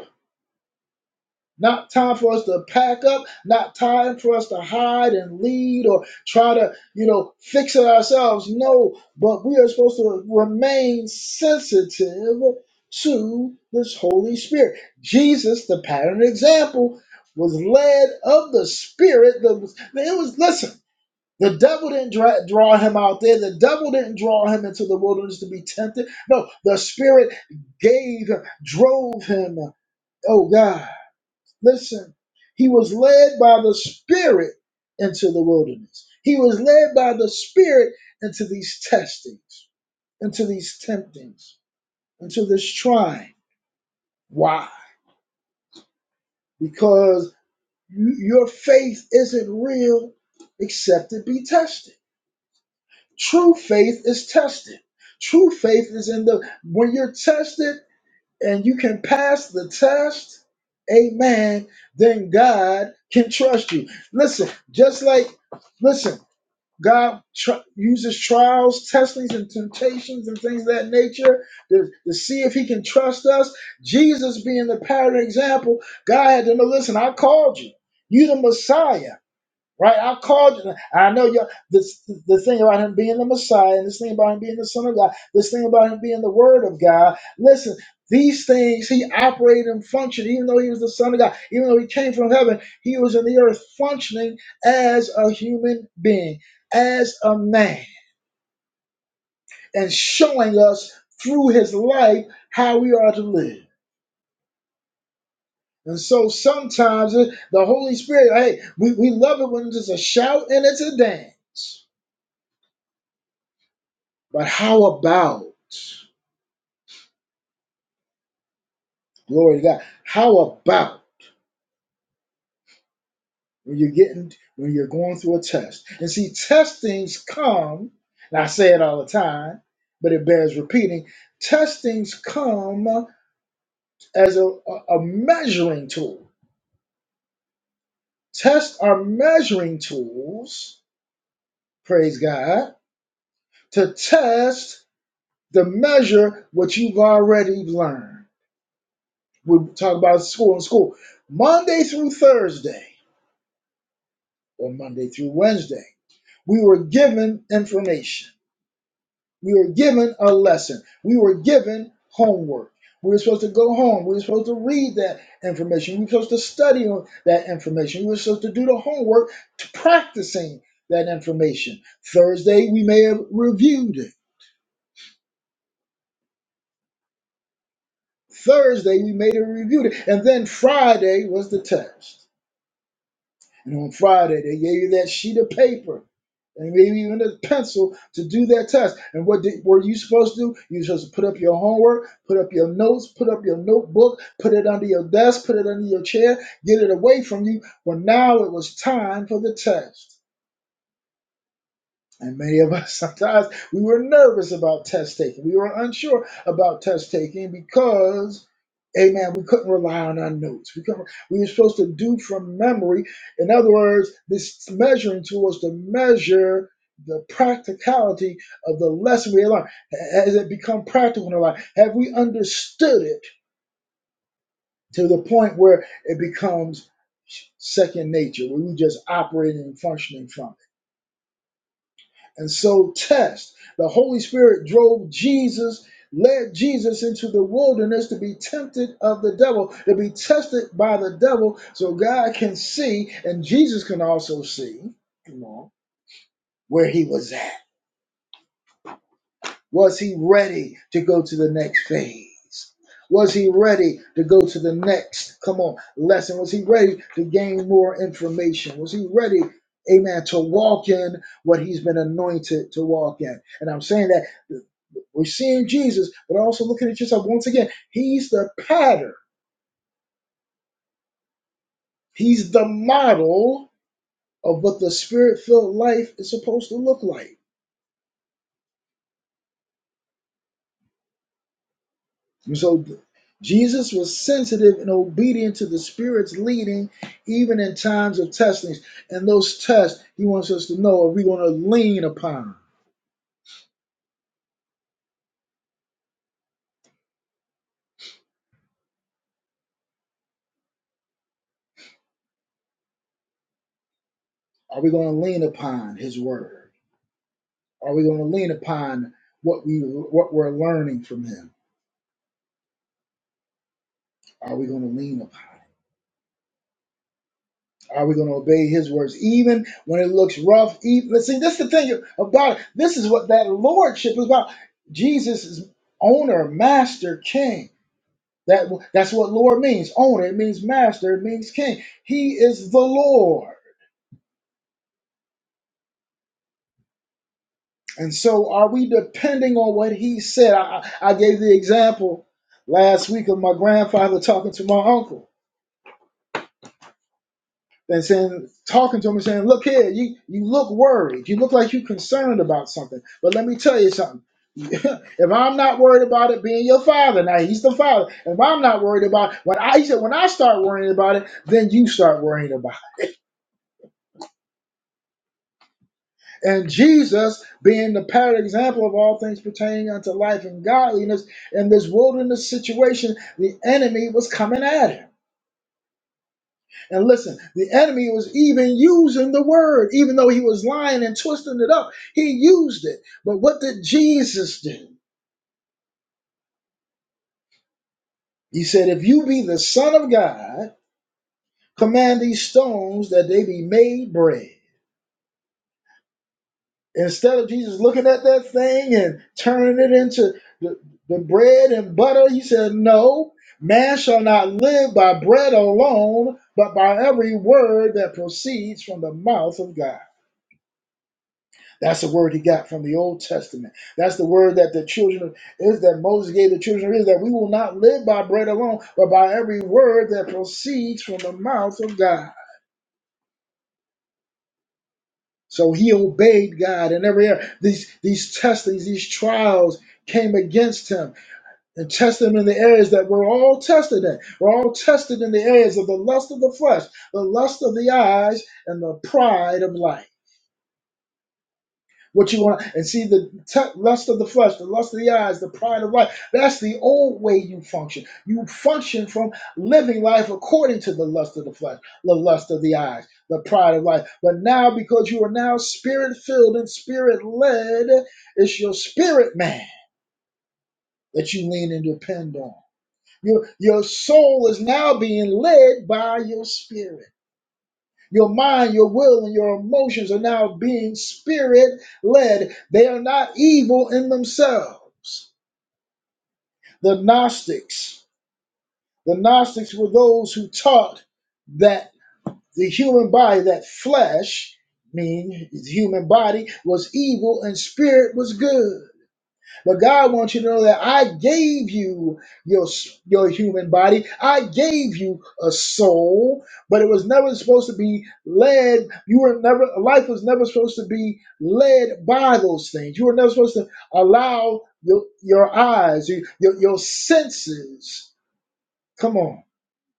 [SPEAKER 1] Not time for us to pack up, not time for us to hide and lead or try to, you know, fix it ourselves. No, but we are supposed to remain sensitive to this Holy Spirit. Jesus, the pattern example, was led of the Spirit. That was, it was, listen, the devil didn't dra- draw him out there. The devil didn't draw him into the wilderness to be tempted. No, the Spirit gave, him, drove him. Oh, God. Listen, he was led by the Spirit into the wilderness. He was led by the Spirit into these testings, into these temptings, into this trying. Why? Because you, your faith isn't real except it be tested. True faith is tested. True faith is in the when you're tested. and you can pass the test, amen, then God can trust you. Listen, just like, listen, God tr- uses trials, testings, and temptations and things of that nature to, to see if he can trust us. Jesus being the pattern example, God had to know, listen, I called you. You the Messiah. Right? I called you. I know you. This the thing about him being the Messiah, and this thing about him being the Son of God, this thing about him being the Word of God. Listen, these things he operated and functioned, even though he was the Son of God, even though he came from heaven, he was in the earth functioning as a human being, as a man, and showing us through his life how we are to live. And so sometimes it- the Holy Spirit, hey, we, we love it when it's a shout and it's a dance. But how about glory to God? How about when you're getting when you're going through a test? And see, testings come, and I say it all the time, but it bears repeating. Testings come as a, a a measuring tool. Tests are measuring tools, praise God, to test the measure what you've already learned. We talk about school in school, Monday through Thursday, or Monday through Wednesday We were given information. We were given a lesson. We were given homework. We were supposed to go home. We were supposed to read that information. We were supposed to study on that information. We were supposed to do the homework to practicing that information. Thursday, we may have reviewed it. Thursday, we may have reviewed it. And then Friday was the test. And on Friday, they gave you that sheet of paper and maybe even a pencil to do that test. And what did, were you supposed to do? You were supposed to put up your homework, put up your notes, put up your notebook, put it under your desk, put it under your chair, get it away from you. Well, now it was time for the test. And many of us [LAUGHS] sometimes we were nervous about test taking. We were unsure about test taking because, amen, we couldn't rely on our notes. We couldn't, we were supposed to do from memory. In other words, this measuring tool was to measure the practicality of the lesson we had learned. Has it become practical in our life? Have we understood it to the point where it becomes second nature, where we just operating and functioning from? And so test. The Holy Spirit drove Jesus, led Jesus into the wilderness to be tempted of the devil, to be tested by the devil, so God can see, and Jesus can also see, come on, where he was at. Was he ready to go to the next phase? Was he ready to go to the next, come on, lesson? Was he ready to gain more information? Was he ready, amen, to walk in what he's been anointed to walk in? And I'm saying that. We're seeing Jesus, but also looking at yourself once again. He's the pattern, he's the model of what the spirit filled life is supposed to look like. And so Jesus was sensitive and obedient to the Spirit's leading, even in times of testings. And those tests, he wants us to know are we going to lean upon? Are we going to lean upon his word? Are we going to lean upon what, we, what we're learning from him? Are we going to lean upon? Are we going to obey his words even when it looks rough? Even see, this is the thing about it. This is what that lordship is about. Jesus is owner, master, king. That that's what Lord means. Owner it means master, it means king. He is the Lord. And so are we depending on what he said? I, I I gave the example last week of my grandfather talking to my uncle. than saying talking to him and saying, "Look here, you you look worried. You look like you're concerned about something." But let me tell you something. [LAUGHS] if I'm not worried about it being your father, now he's the father. If I'm not worried about it, when I he said when I start worrying about it, then you start worrying about it. And Jesus, being the pattern example of all things pertaining unto life and godliness, in this wilderness situation, the enemy was coming at him. And listen, the enemy was even using the word, even though he was lying and twisting it up. He used it. But what did Jesus do? He said, If you be the Son of God, command these stones that they be made bread. Instead of Jesus looking at that thing and turning it into the, the bread and butter, he said, No, man shall not live by bread alone, but by every word that proceeds from the mouth of God. That's the word he got from the Old Testament. That's the word that the children is that Moses gave the children of Israel that we will not live by bread alone, but by every word that proceeds from the mouth of God. So he obeyed God in every area. These these testings, these trials came against him and tested him in the areas that we're all tested in. We're all tested in the areas of the lust of the flesh, the lust of the eyes, and the pride of life. what you want and see the te- lust of the flesh the lust of the eyes the pride of life that's the old way you function you function from living life according to the lust of the flesh the lust of the eyes the pride of life but now because you are now spirit filled and spirit led it's your spirit man that you lean and depend on your, your soul is now being led by your spirit your mind, your will, and your emotions are now being spirit led. They are not evil in themselves. The Gnostics, the Gnostics were those who taught that the human body, that flesh, mean the human body, was evil and spirit was good. But God wants you to know that I gave you your your human body. I gave you a soul, but it was never supposed to be led. You were never life was never supposed to be led by those things. You were never supposed to allow your your eyes, your your, your senses. Come on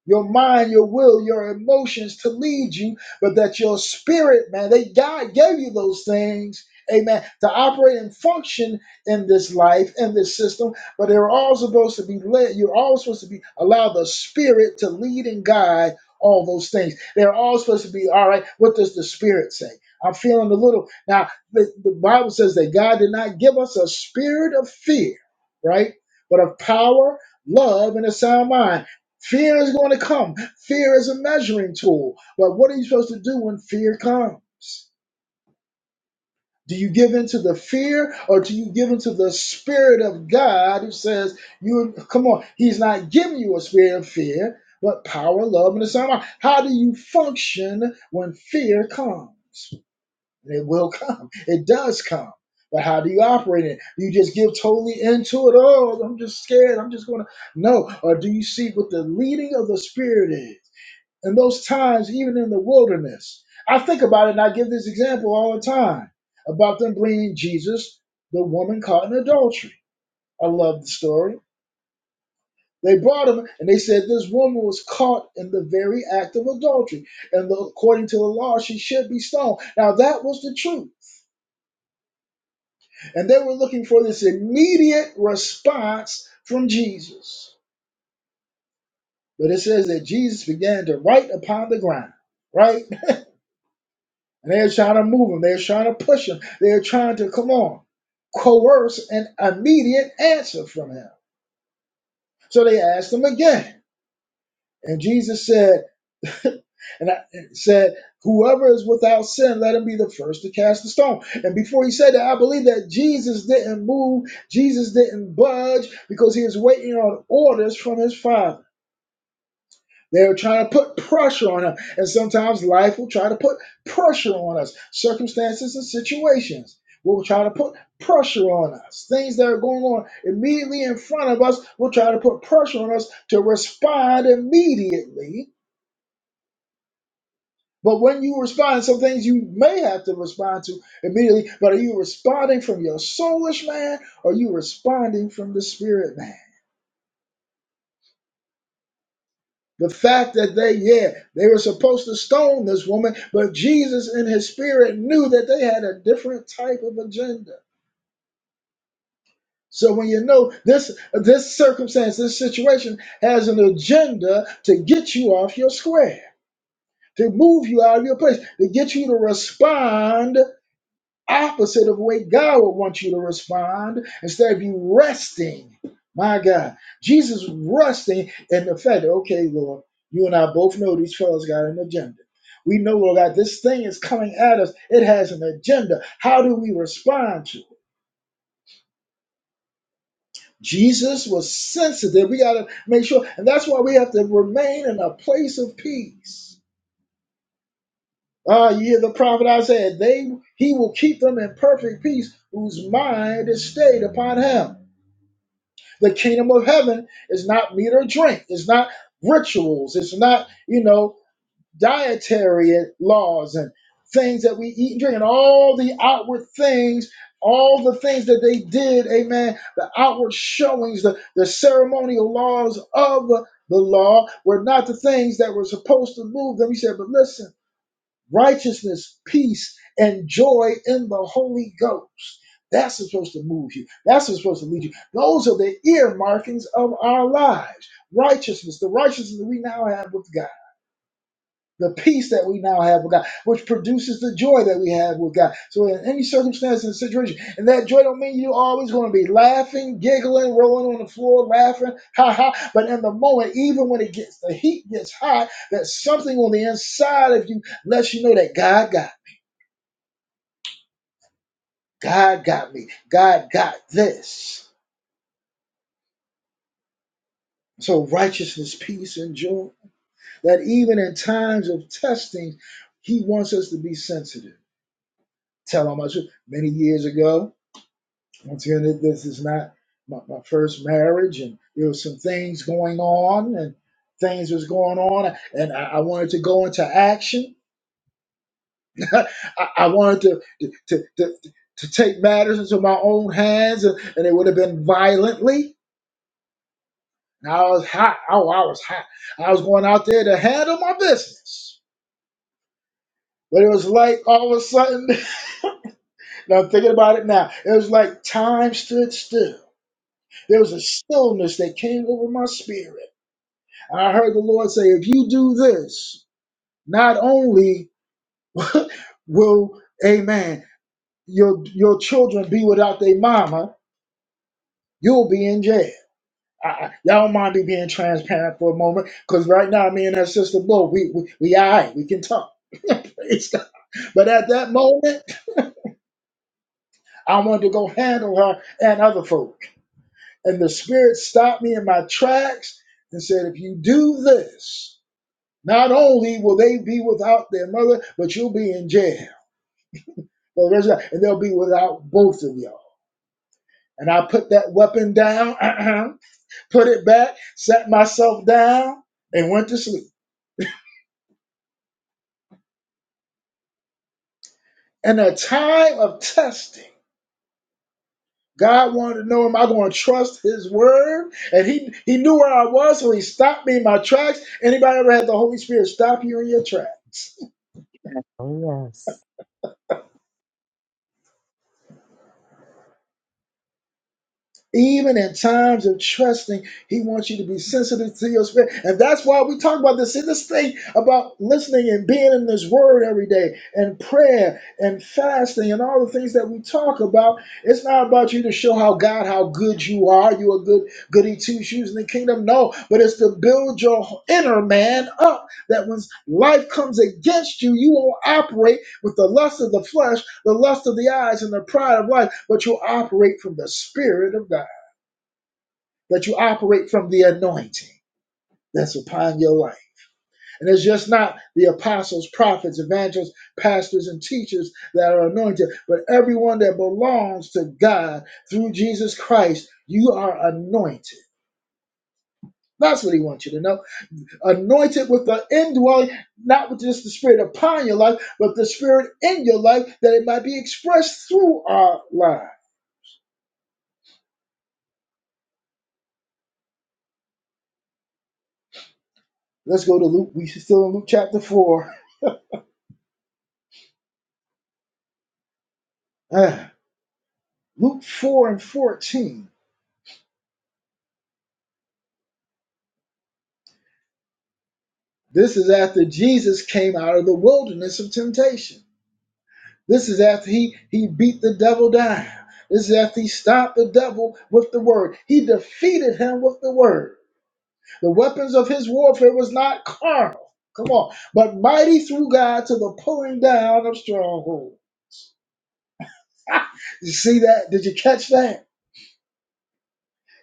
[SPEAKER 1] your mind, your will, your emotions to lead you, but that your spirit, man, they God gave you those things, amen, to operate and function in this life, in this system. But they're all supposed to be led, you're all supposed to be allow the spirit to lead and guide all those things. They're all supposed to be, all right, what does the spirit say? I'm feeling a little now. The, the Bible says that God did not give us a spirit of fear, right? But of power, love, and a sound mind. Fear is going to come. Fear is a measuring tool. But what are you supposed to do when fear comes? Do you give in to the fear or do you give in to the spirit of God who says, you come on, he's not giving you a spirit of fear, but power, love, and a sound mind. How do you function when fear comes? And It will come. It does come. But how do you operate in it? Do you just give totally into it? Oh, I'm just scared. I'm just going to. No. Or do you see what the leading of the spirit is? in those times, even in the wilderness. I think about it, and I give this example all the time about them bringing Jesus, the woman caught in adultery. I love the story. They brought him, and they said this woman was caught in the very act of adultery, and according to the law, she should be stoned. Now that was the truth, and they were looking for this immediate response from Jesus. But it says that Jesus began to write upon the ground, right? And they're trying to move him. They're trying to push him. They're trying to, come on, coerce an immediate answer from him. So they asked him again. And Jesus said, [LAUGHS] and I, said, Whoever is without sin, let him be the first to cast the stone. And before he said that, I believe that Jesus didn't move, Jesus didn't budge because he was waiting on orders from his father. They are trying to put pressure on him. And sometimes life will try to put pressure on us. Circumstances and situations will try to put pressure on us. Things that are going on immediately in front of us will try to put pressure on us to respond immediately. But when you respond, some things you may have to respond to immediately. But are you responding from your soulish man or are you responding from the spirit man? The fact that they, yeah, they were supposed to stone this woman, but Jesus in his spirit knew that they had a different type of agenda. So when you know this this circumstance, this situation has an agenda to get you off your square, to move you out of your place, to get you to respond opposite of the way God would want you to respond instead of you resting. My God, Jesus resting in the fact that, okay, Lord, you and I both know these fellows got an agenda. We know, Lord God, this thing is coming at us. It has an agenda. How do we respond to it? Jesus was sensitive. We got to make sure. And that's why we have to remain in a place of peace. Ah, you hear the prophet Isaiah, they, he will keep them in perfect peace whose mind is stayed upon him. The kingdom of heaven is not meat or drink. It's not rituals. It's not, you know, dietary laws and things that we eat and drink and all the outward things, all the things that they did, amen, the outward showings, the, the ceremonial laws of the law were not the things that were supposed to move them. He said, but listen righteousness, peace, and joy in the Holy Ghost. That's what's supposed to move you. That's what's supposed to lead you. Those are the ear markings of our lives. Righteousness, the righteousness that we now have with God, the peace that we now have with God, which produces the joy that we have with God. So in any circumstance and situation, and that joy don't mean you're always going to be laughing, giggling, rolling on the floor, laughing, ha ha. But in the moment, even when it gets the heat gets hot, that something on the inside of you lets you know that God got. it. God got me. God got this. So righteousness, peace, and joy. That even in times of testing, He wants us to be sensitive. Tell him I should. Many years ago, once again, this is not my, my first marriage, and there were some things going on, and things was going on, and I, I wanted to go into action. [LAUGHS] I, I wanted to to, to to to take matters into my own hands, and, and it would have been violently. And I was hot. Oh, I was hot. I was going out there to handle my business. But it was like all of a sudden, [LAUGHS] now I'm thinking about it now, it was like time stood still. There was a stillness that came over my spirit. And I heard the Lord say, if you do this, not only [LAUGHS] will, amen, your, your children be without their mama, you'll be in jail. I, I- y'all don't mind me being transparent for a moment, because right now, me and that sister, both we, we, we all right, we can talk. [LAUGHS] Praise God. But at that moment, I wanted to go handle her and other folk. And the Spirit stopped me in my tracks and said, If you do this, not only will they be without their mother, but you'll be in jail. Well, there's that- And they'll be without both of y'all. And I put that weapon down, [CLEARS THROAT] put it back, sat myself down, and went to sleep. In a time of testing, God wanted to know, am I going to trust His word? And He He knew where I was, so He stopped me in my tracks. Anybody ever had the Holy Spirit stop you in your tracks?
[SPEAKER 4] Oh, yes.
[SPEAKER 1] Even in times of trusting, he wants you to be sensitive to your spirit. And that's why we talk about this in this thing about listening and being in this word every day and prayer and fasting and all the things that we talk about. It's not about you to show how God, how good you are. You are good, goody two shoes in the kingdom. No, but it's to build your inner man up that when life comes against you, you won't operate with the lust of the flesh the lust of the eyes and the pride of life, but you'll operate from the Spirit of God that you operate from the anointing that's upon your life. And it's just not the apostles, prophets, evangelists, pastors, and teachers that are anointed, but everyone that belongs to God through Jesus Christ, you are anointed. That's what he wants you to know. Anointed with the indwelling, not with just the spirit upon your life, but the spirit in your life that it might be expressed through our lives. Let's go to Luke. We are still in Luke chapter 4. Ah, Luke 4 and 14. This is after Jesus came out of the wilderness of temptation. This is after he, he beat the devil down. This is after he stopped the devil with the word. He defeated him with the word. The weapons of his warfare was not carnal. Come on. But mighty through God to the pulling down of strongholds. [LAUGHS] you see that? Did you catch that?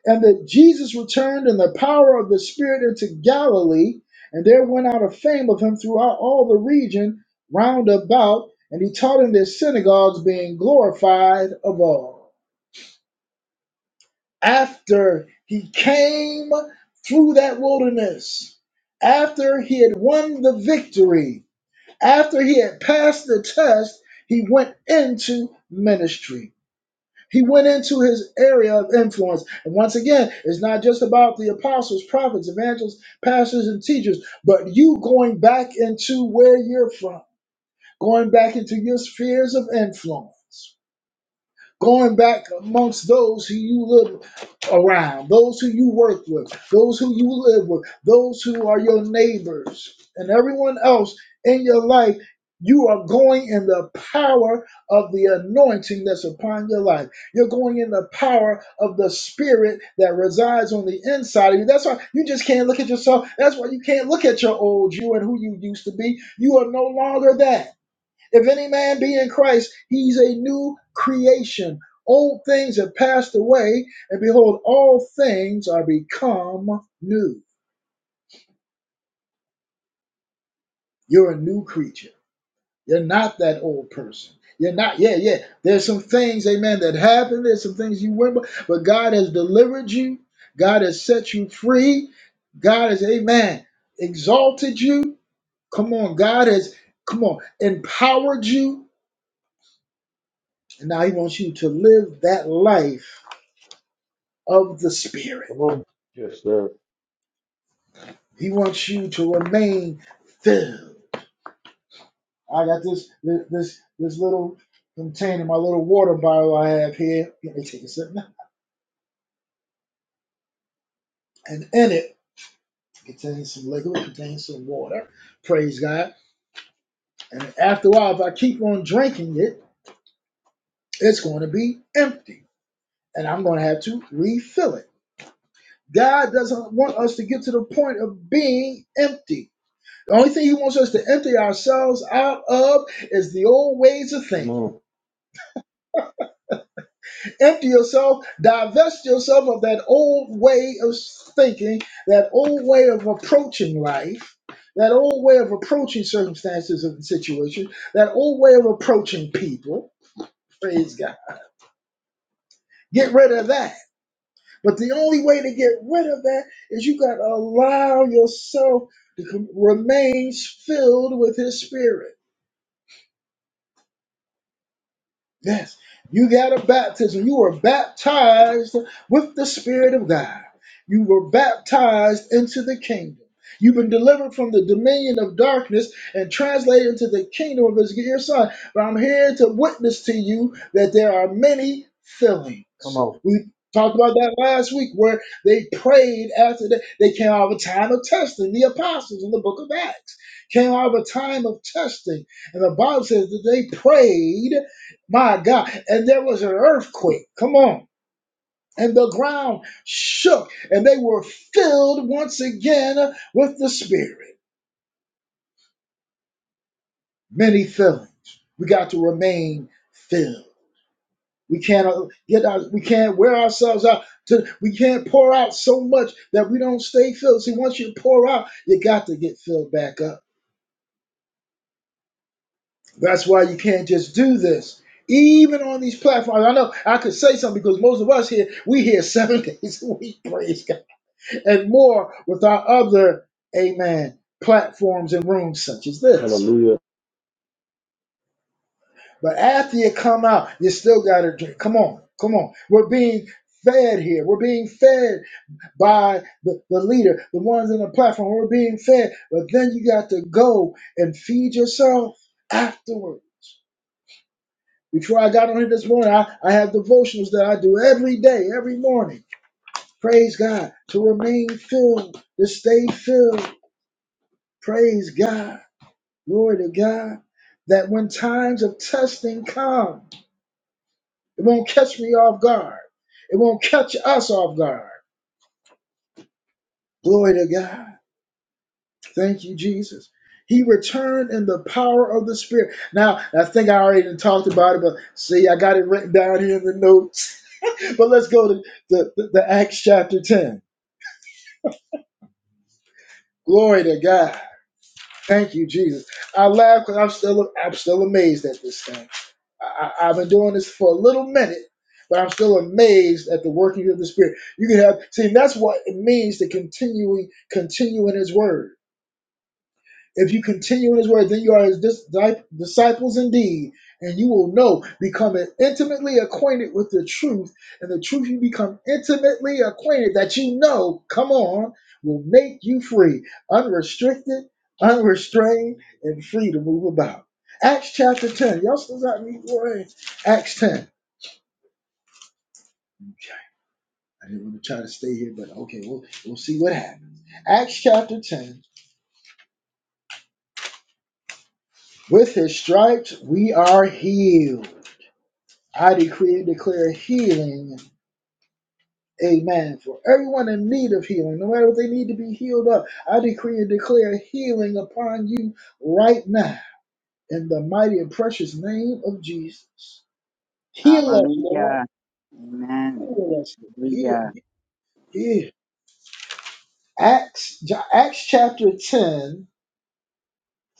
[SPEAKER 1] And that Jesus returned in the power of the Spirit into Galilee, and there went out a fame of him throughout all the region round about, and he taught in their synagogues, being glorified of all. After he came through that wilderness, after he had won the victory, after he had passed the test, he went into ministry he went into his area of influence. And once again, it's not just about the apostles, prophets, evangelists, pastors, and teachers, but you going back into where you're from, going back into your spheres of influence going back amongst those who you live around, those who you work with, those who you live with, those who are your neighbors, and everyone else in your life. You are going in the power of the anointing that's upon your life. You're going in the power of the spirit that resides on the inside of you. That's why you just can't look at yourself. That's why you can't look at your old you and who you used to be. You are no longer that. If any man be in Christ, he's a new creation. Old things have passed away, and behold, all things are become new. You're a new creature. You're not that old person. You're not, yeah, yeah. There's some things, amen, that happened. There's some things you went by, but God has delivered you. God has set you free. God has, amen, exalted you. Come on, God has, come on, empowered you. And now He wants you to live that life of the Spirit. He wants you to remain filled. I got this this this little container, my little water bottle I have here. Let me take a sip now. And in it contains some liquid, contains some water. Praise God. And after a while, if I keep on drinking it, it's going to be empty. And I'm going to have to refill it. God doesn't want us to get to the point of being empty. The only thing He wants us to empty ourselves out of is the old ways of thinking Empty yourself, divest yourself of that old way of thinking, that old way of approaching life, that old way of approaching circumstances and situations, that old way of approaching people. Praise God. Get rid of that. But the only way to get rid of that is you got to allow yourself to com- remain filled with His Spirit. Yes, you got a baptism. You were baptized with the Spirit of God. You were baptized into the kingdom. You've been delivered from the dominion of darkness and translated into the kingdom of His dear Son. But I'm here to witness to you that there are many fillings. We talked about that last week where they prayed after they, they came out of a time of testing. The apostles in the book of Acts came out of a time of testing. And the Bible says that they prayed my God. And there was an earthquake. Come on. And the ground shook, and they were filled once again with the Spirit. Many fillings. We got to remain filled. We can't uh, get our, we can't wear ourselves out. To, we can't pour out so much that we don't stay filled. See, once you pour out, you got to get filled back up. That's why you can't just do this. Even on these platforms, I know I could say something because most of us here, we here seven [LAUGHS] days a week. Praise God. and more with our other, amen, platforms and rooms such as this. But after you come out, you still got to drink. Come on, come on. We're being fed here. We're being fed by the, the leader, the ones in the platform. We're being fed. But then you got to go and feed yourself afterwards. Before I got on here this morning, I, I have devotionals that I do every day, every morning. Praise God. To remain filled, to stay filled. Praise God. glory to God, that when times of testing come, it won't catch me off guard. It won't catch us off guard. Glory to God. Thank you, Jesus. He returned in the power of the Spirit. Now, I think I already done talked about it, but see, I got it written down here in the notes. [LAUGHS] But let's go to the, the, the Acts chapter 10. Glory to God. Thank you, Jesus. I laugh because I'm still I'm still amazed at this thing. I, I, I've been doing this for a little minute, but I'm still amazed at the working of the Spirit. You can have see that's what it means to continuing continue in His Word. If you continue in his word, then you are his dis- disciples indeed, and you will know, become intimately acquainted with the truth, and the truth you become intimately acquainted that you know, come on, will make you free, unrestricted, unrestrained, and free to move about. Acts chapter 10. Y'all still got me boy. Acts 10. Okay, I didn't want to try to stay here, but okay, we'll, we'll see what happens. Acts chapter 10. With his stripes we are healed. I decree and declare healing. Amen. For everyone in need of healing, no matter what they need to be healed of. I decree and declare healing upon you right now in the mighty and precious name of Jesus. Heal us, Lord.
[SPEAKER 5] Hallelujah. Amen.
[SPEAKER 1] Heal us, Lord. Heal,
[SPEAKER 5] Hallelujah.
[SPEAKER 1] heal. Acts, Ja-, Acts chapter 10.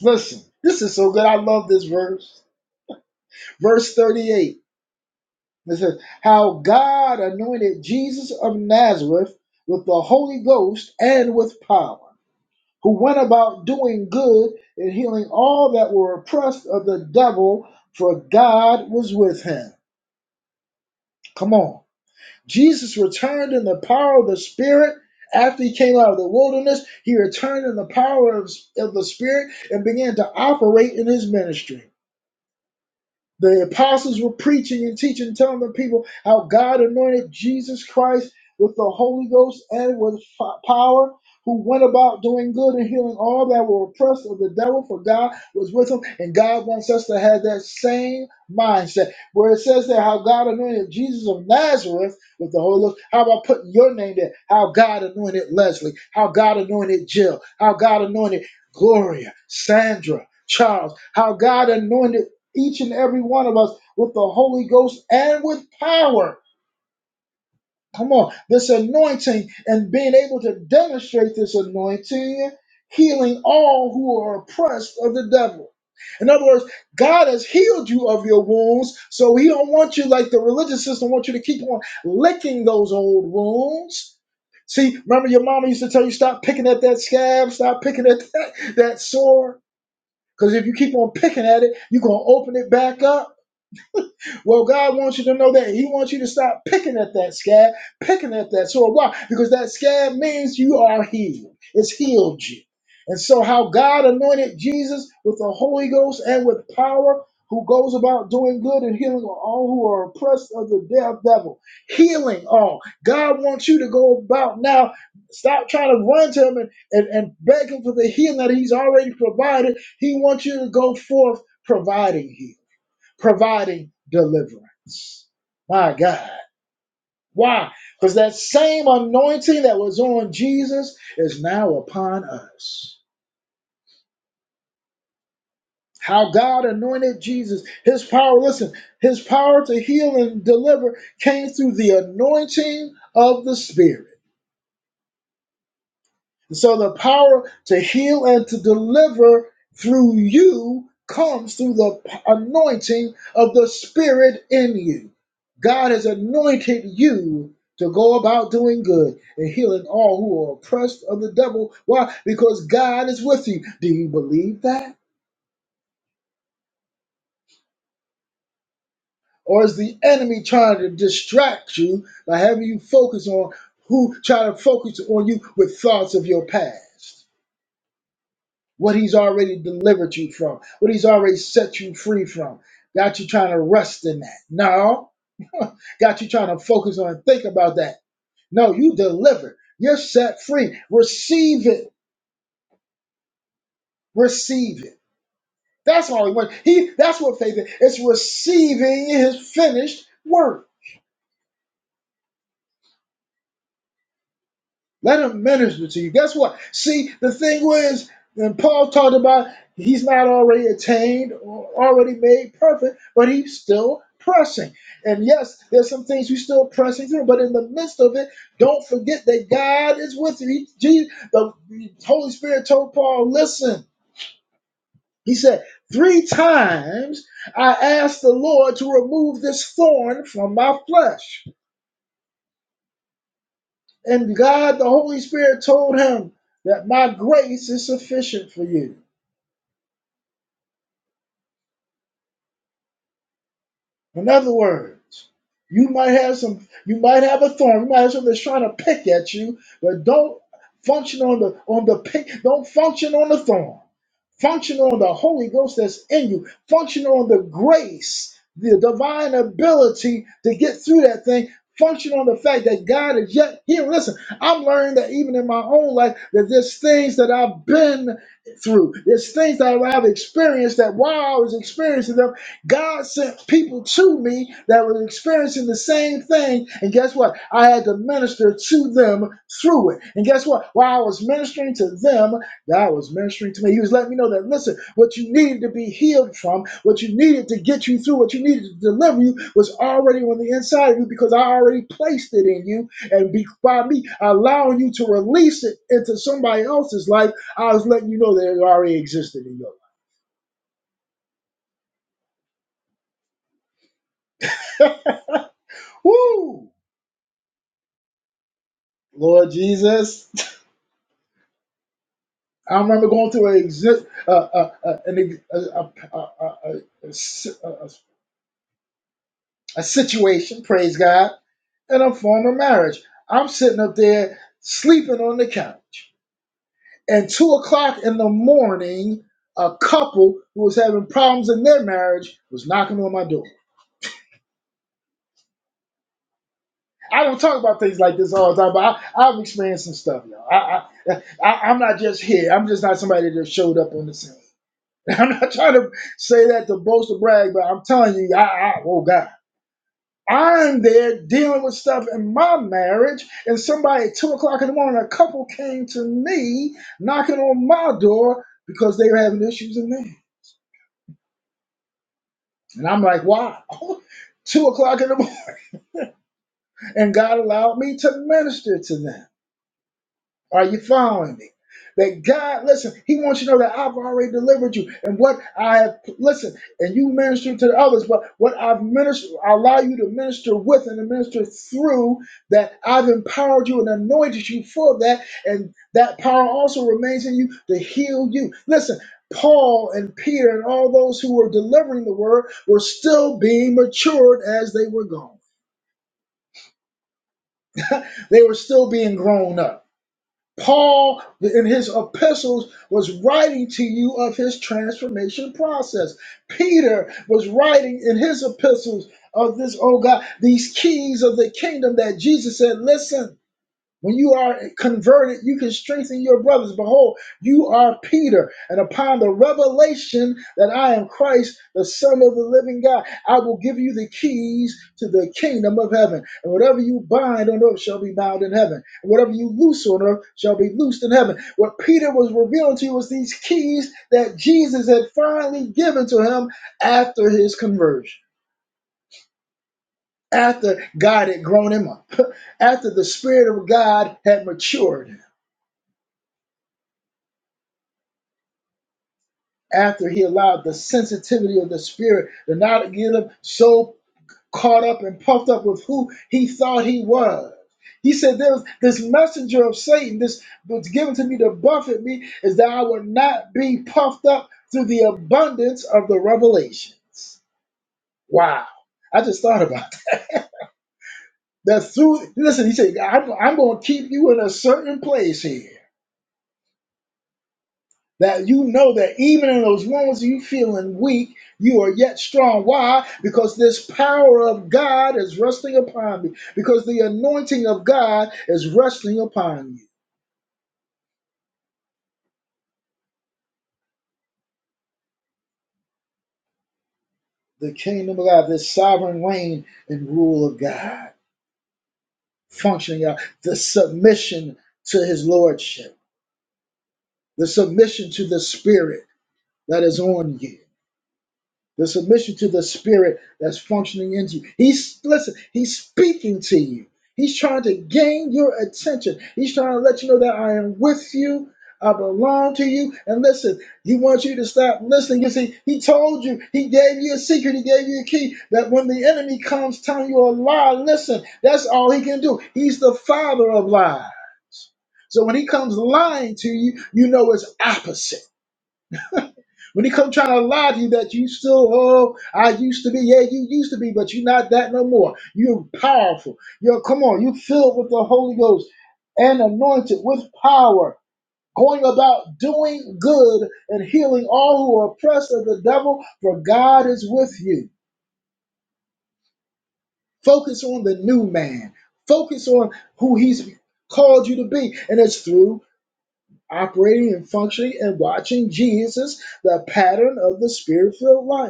[SPEAKER 1] Listen, this is so good. I love this verse. Verse 38. It says, How God anointed Jesus of Nazareth with the Holy Ghost and with power, who went about doing good and healing all that were oppressed of the devil, for God was with him. Come on. Jesus returned in the power of the Spirit. After he came out of the wilderness, he returned in the power of, of the Spirit and began to operate in his ministry. The apostles were preaching and teaching, telling the people how God anointed Jesus Christ with the Holy Ghost and with power, who went about doing good and healing all that were oppressed of the devil, for God was with him. And God wants us to have that same mindset, where it says that how God anointed Jesus of Nazareth with the Holy Ghost. How about putting your name there? How God anointed Leslie, how God anointed Jill, how God anointed Gloria, Sandra. Charles, how God anointed each and every one of us with the Holy Ghost and with power. Come on, this anointing and being able to demonstrate this anointing, healing all who are oppressed of the devil. In other words, God has healed you of your wounds, so He don't want you like the religious system wants you to keep on licking those old wounds. See, remember your mama used to tell you stop picking at that scab, stop picking at that, that sore, because if you keep on picking at it, you're gonna open it back up. Well, God wants you to know that. He wants you to stop picking at that scab, picking at that sore. Why? Because that scab means you are healed. It's healed you. And so, how God anointed Jesus with the Holy Ghost and with power, who goes about doing good and healing all who are oppressed of the death devil, healing all. God wants you to go about now. Stop trying to run to Him and, and, and beg Him for the healing that He's already provided. He wants you to go forth providing healing providing deliverance. My God. Why? Because that same anointing that was on Jesus is now upon us. How God anointed Jesus, his power, listen, his power to heal and deliver came through the anointing of the Spirit. So the power to heal and to deliver through you comes through the p- anointing of the Spirit in you. God has anointed you to go about doing good and healing all who are oppressed of the devil. Why? Because God is with you. Do you believe that? Or is the enemy trying to distract you by having you focus on who try to focus on you with thoughts of your past? what he's already delivered you from, what he's already set you free from. Got you trying to rest in that. No. [LAUGHS] Got you trying to focus on and think about that. No, you delivered. You're set free. Receive it. Receive it. That's all he wants. He that's what faith is. It's receiving his finished work. Let him minister to you. Guess what? See, the thing was, when Paul talked about he's not already attained or already made perfect, but he's still pressing. And yes, there's some things you're still pressing through, but in the midst of it, don't forget that God is with you. He, Jesus, the Holy Spirit told Paul, listen, he said, three times I asked the Lord to remove this thorn from my flesh. And God, the Holy Spirit, told him that my grace is sufficient for you. In other words, you might have some, you might have a thorn, you might have something that's trying to pick at you, but don't function on the on the pick, don't function on the thorn. Function on the Holy Ghost that's in you. Function on the grace, the divine ability to get through that thing. Function on the fact that God is yet here. Listen, I'm learning that even in my own life, that there's things that I've been through. There's things that I've experienced that while I was experiencing them. God sent people to me that were experiencing the same thing. And guess what? I had to minister to them through it. And guess what? While I was ministering to them, God was ministering to me. He was letting me know that, listen, what you needed to be healed from, what you needed to get you through, what you needed to deliver you was already on the inside of you because I already placed it in you. And be, by me allowing you to release it into somebody else's life, I was letting you know that it already existed in your life. [LAUGHS] Woo! Lord Jesus. [LAUGHS] I remember going to a, exi- uh, uh, uh, an, ex- a, a, a, a, a, a si- a, a a situation, praise God, in a former marriage. I'm sitting up there sleeping on the couch. And two o'clock in the morning, a couple who was having problems in their marriage was knocking on my door. I don't talk about things like this all the time, but I, I've experienced some stuff, y'all. I, I, I, I'm not just here. I'm just not somebody that showed up on the scene. [LAUGHS] And I'm not trying to say that to boast or brag, but I'm telling you, I, I oh God, I'm there dealing with stuff in my marriage, and somebody at two o'clock in the morning, a couple came to me knocking on my door because they were having issues in there, and I'm like, wow, [LAUGHS] two o'clock in the morning, and God allowed me to minister to them. Are you following me? That God, listen, He wants you to know that I've already delivered you. And what I have, listen, and you minister to others, but what I've ministered, I allow you to minister with and to minister through, that I've empowered you and anointed you for that. And that power also remains in you to heal you. Listen, Paul and Peter and all those who were delivering the word were still being matured as they were gone, they were still being grown up. Paul, in his epistles, was writing to you of his transformation process. Peter was writing in his epistles of this, oh God, these keys of the kingdom that Jesus said, listen. When you are converted, you can strengthen your brothers. Behold, you are Peter, and upon the revelation that I am Christ, the Son of the living God, I will give you the keys to the kingdom of heaven. And whatever you bind on earth shall be bound in heaven, and whatever you loose on earth shall be loosed in heaven. What Peter was revealing to you was these keys that Jesus had finally given to him after his conversion, after God had grown him up, [LAUGHS] after the Spirit of God had matured. after he allowed the sensitivity of the spirit to not get him so caught up and puffed up with who he thought he was. He said, There's this messenger of Satan, this was given to me to buffet me, is that I would not be puffed up through the abundance of the revelations. Wow. I just thought about that. That through, listen, he said, I'm, I'm going to keep you in a certain place here. that you know that even in those moments you feeling weak, you are yet strong. Why? Because this power of God is resting upon me. Because the anointing of God is resting upon you. The kingdom of God, this sovereign reign and rule of God, functioning out the submission to His lordship, the submission to the Spirit that is on you. The submission to the spirit that's functioning into you. He's listen, he's speaking to you. He's trying to gain your attention. He's trying to let you know that I am with you. I belong to you. And listen, he wants you to stop listening. You see, he told you, he gave you a secret, he gave you a key that when the enemy comes telling you a lie, listen, that's all he can do. He's the father of lies. So when he comes lying to you, you know it's opposite. When he come trying to lie to you that you still, oh, I used to be, yeah, you used to be, but you're not that no more. You're powerful. You're come on, you filled with the Holy Ghost and anointed with power, going about doing good and healing all who are oppressed of the devil, for God is with you. Focus on the new man. Focus on who he's called you to be. And it's through operating and functioning and watching Jesus, the pattern of the spirit-filled life.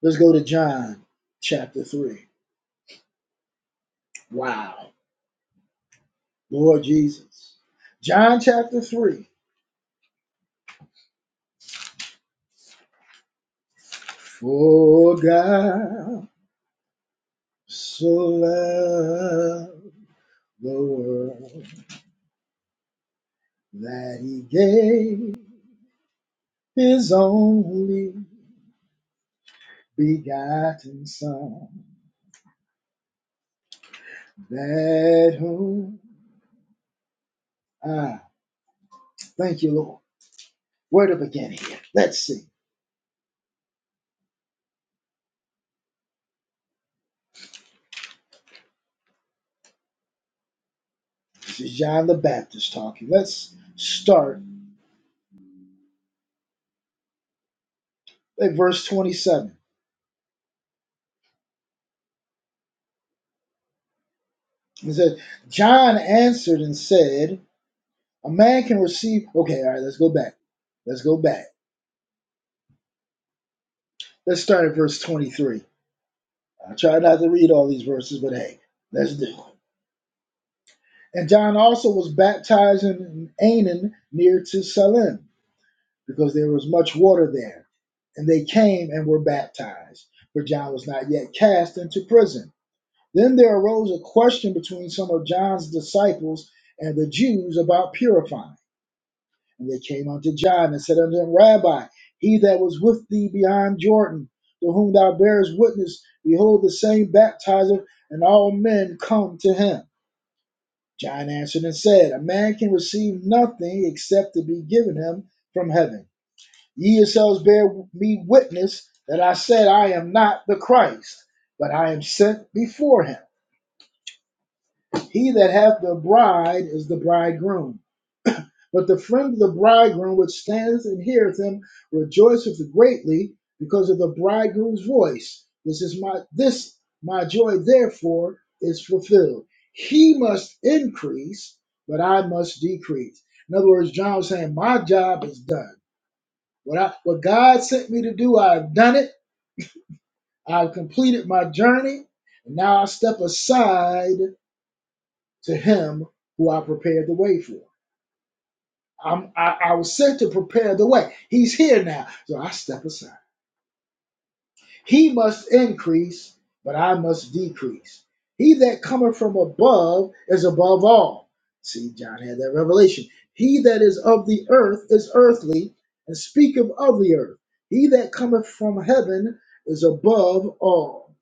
[SPEAKER 1] Let's go to John chapter 3. Wow. Lord Jesus. John chapter 3. For God so loved the world that he gave his only begotten Son, that whom I thank you, Lord. Where to begin here? Let's see. This is John the Baptist talking. Let's start at verse 27. It says, John answered and said, A man can receive. Okay, all right, let's go back. Let's go back. Let's start at verse 23. I try not to read all these verses, but hey, let's do it. And John also was baptized in Aenon near to Salim, because there was much water there. And they came and were baptized, for John was not yet cast into prison. Then there arose a question between some of John's disciples and the Jews about purifying. And they came unto John and said unto him, Rabbi, he that was with thee beyond Jordan, to whom thou bearest witness, behold, the same baptizer, and all men come to him. John answered and said, A man can receive nothing except to be given him from heaven. Ye yourselves bear me witness that I said, I am not the Christ, but I am sent before him. He that hath the bride is the bridegroom. But the friend of the bridegroom which standeth and heareth him rejoiceth greatly because of the bridegroom's voice. This is my this my joy therefore is fulfilled. He must increase, but I must decrease. In other words, John was saying, My job is done. What I what God sent me to do, I've done it. I've completed my journey. And now I step aside to him who I prepared the way for. I'm, I, I was sent to prepare the way. He's here now, so I step aside. He must increase, but I must decrease. He that cometh from above is above all. See, John had that revelation. He that is of the earth is earthly, and speaketh of the earth. He that cometh from heaven is above all.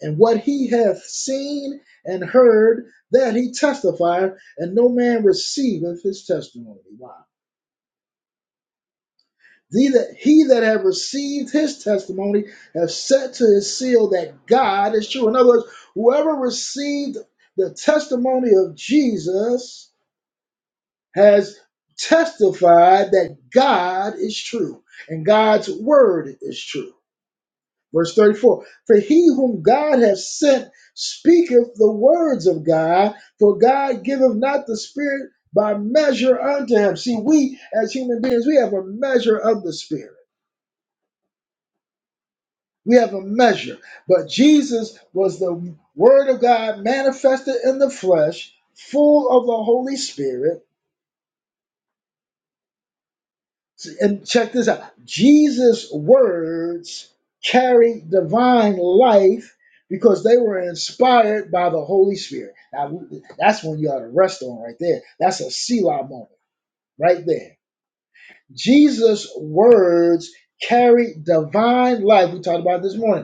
[SPEAKER 1] And what he hath seen and heard, that he testifieth, and no man receiveth his testimony. Wow. He that, he that have received his testimony have set to his seal that God is true. In other words, whoever received the testimony of Jesus has testified that God is true and God's word is true. Verse 34 For he whom God hath sent speaketh the words of God, for God giveth not the Spirit by measure unto him. See, we as human beings, we have a measure of the Spirit We have a measure. But Jesus was the Word of God manifested in the flesh, full of the Holy Spirit. And check this out Jesus' words carried divine life because they were inspired by the Holy Spirit. Now, that's when you ought to rest on right there. That's a Selah moment right there. Jesus' words carried divine life. We talked about it this morning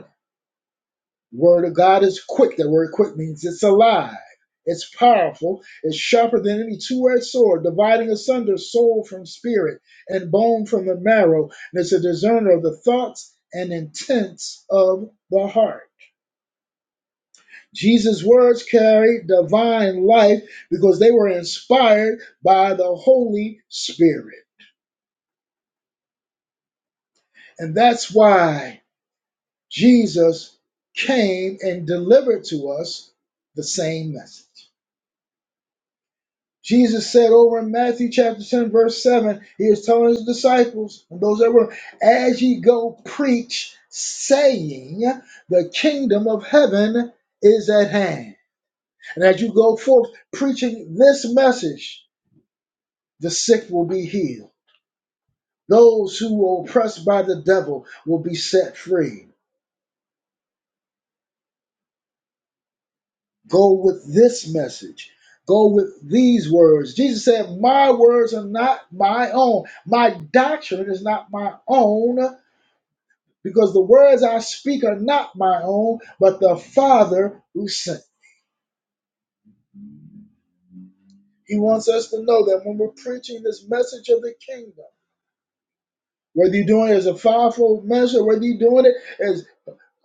[SPEAKER 1] Word of God is quick. That word quick means it's alive. It's powerful. It's sharper than any two-edged sword, dividing asunder soul from spirit and bone from the marrow. And it's a discerner of the thoughts and intents of the heart. Jesus' words carry divine life because they were inspired by the Holy Spirit. And that's why Jesus came and delivered to us the same message. Jesus said over in Matthew chapter 10, verse 7, he is telling his disciples and those that were, as ye go preach, saying, the kingdom of heaven is at hand. And as you go forth preaching this message, the sick will be healed. Those who were oppressed by the devil will be set free. Go with this message. Go with these words. Jesus said, My words are not my own. My doctrine is not my own because the words I speak are not my own, but the Father who sent. He wants us to know that when we're preaching this message of the kingdom, whether you're doing it as a fivefold measure, whether you're doing it as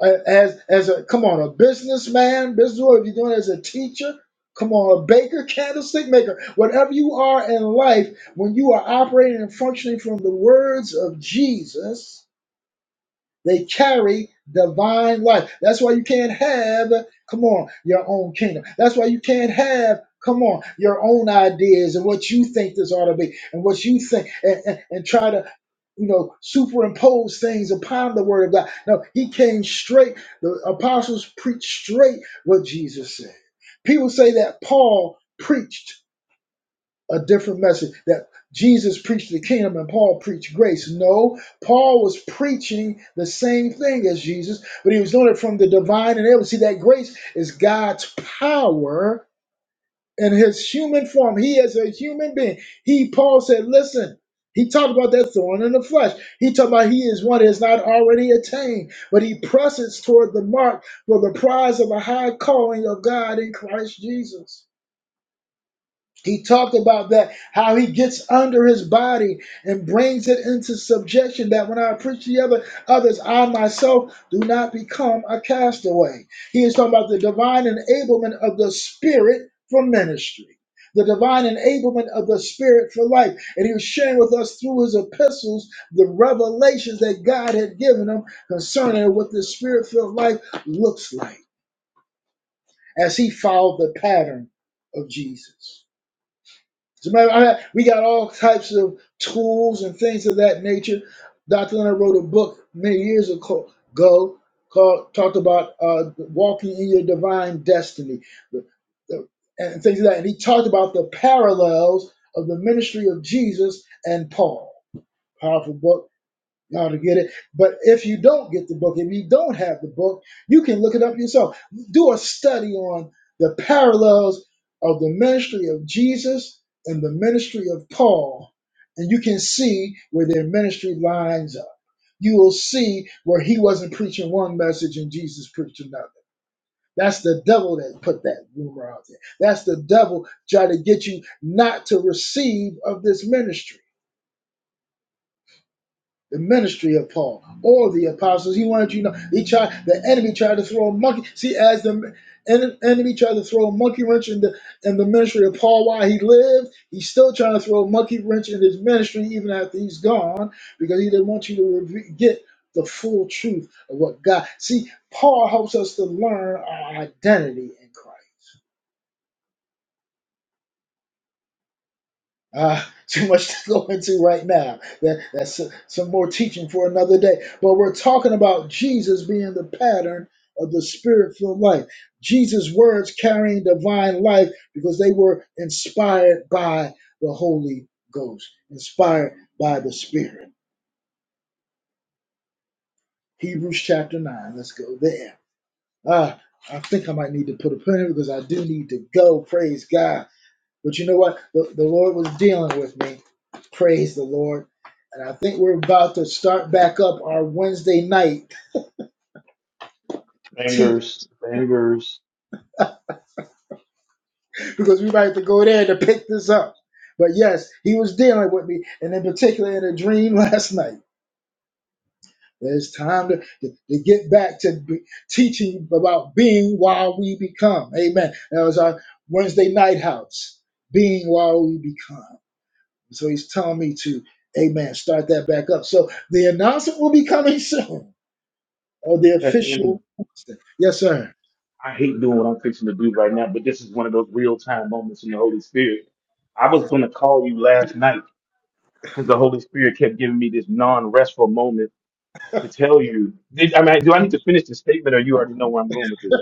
[SPEAKER 1] as as a come on a businessman, business, or if you're doing it as a teacher, come on a baker, candlestick maker, whatever you are in life, when you are operating and functioning from the words of Jesus, They carry divine life. That's why you can't have, come on, your own kingdom. That's why you can't have, come on, your own ideas and what you think this ought to be and what you think and, and, and try to, you know, superimpose things upon the word of God. No, he came straight. The apostles preached straight what Jesus said. People say that Paul preached a different message that Jesus preached the kingdom and Paul preached grace. No, Paul was preaching the same thing as Jesus, but he was doing it from the divine and able. See, that grace is God's power in his human form. He is a human being. He, Paul said, listen, he talked about that thorn in the flesh. He talked about he is one that has not already attained, but he presses toward the mark for the prize of the high calling of God in Christ Jesus. He talked about that, how he gets under his body and brings it into subjection. That when I appreciate other, others, I myself do not become a castaway. He is talking about the divine enablement of the spirit for ministry, the divine enablement of the spirit for life. And he was sharing with us through his epistles the revelations that God had given him concerning what the spirit filled life looks like as he followed the pattern of Jesus. As a matter of fact, I- we got all types of tools and things of that nature. Dr. Leonard wrote a book many years ago called talked about uh, walking in your divine destiny the- the- and things like that. And he talked about the parallels of the ministry of Jesus and Paul. Powerful book you ought to get it. But if you don't get the book, if you don't have the book, you can look it up yourself. Do a study on the parallels of the ministry of Jesus and the ministry of Paul, and you can see where their ministry lines up. You will see where he wasn't preaching one message and Jesus preached another. That's the devil that put that rumor out there. That's the devil trying to get you not to receive of this ministry the ministry of Paul all the apostles. He wanted you to know he tried the enemy tried to throw a monkey. See, as the en- enemy tried to throw a monkey wrench in the in the ministry of Paul while he lived, he's still trying to throw a monkey wrench in his ministry even after he's gone because he didn't want you to reve- get the full truth of what God. See, Paul helps us to learn our identity in Christ. Ah, [LAUGHS] too much to go into right now. That, that's some more teaching for another day. But we're talking about Jesus being the pattern of the spirit filled life. Jesus' words carrying divine life because they were inspired by the Holy Ghost, inspired by the Spirit. Hebrews chapter 9. Let's go there. Ah, I think I might need to put a pin in it because I do need to go. Praise God. But you know what? The, the Lord was dealing with me. Praise the Lord. And I think we're about to start back up our Wednesday night
[SPEAKER 2] Thanks,
[SPEAKER 1] teach because we might have to go there to pick this up. But yes, he was dealing with me, and in particular in a dream [LAUGHS] last night. It's time to, to, to get back to be, teaching about being while we become. Amen. That was our Wednesday night house, being while we become. So he's telling me to, amen, start that back up. So the announcement will be coming [LAUGHS] soon, or the
[SPEAKER 2] Pastor Anthony.
[SPEAKER 1] official. Yes, sir.
[SPEAKER 2] I hate doing what I'm fixing to do right now, but this is one of those real time moments in the Holy Spirit. I was
[SPEAKER 1] Yes.
[SPEAKER 2] going to call you last night because the Holy Spirit kept giving me this non restful moment to tell you. Did, I mean, do I need to finish the statement, or you already know where I'm going with this?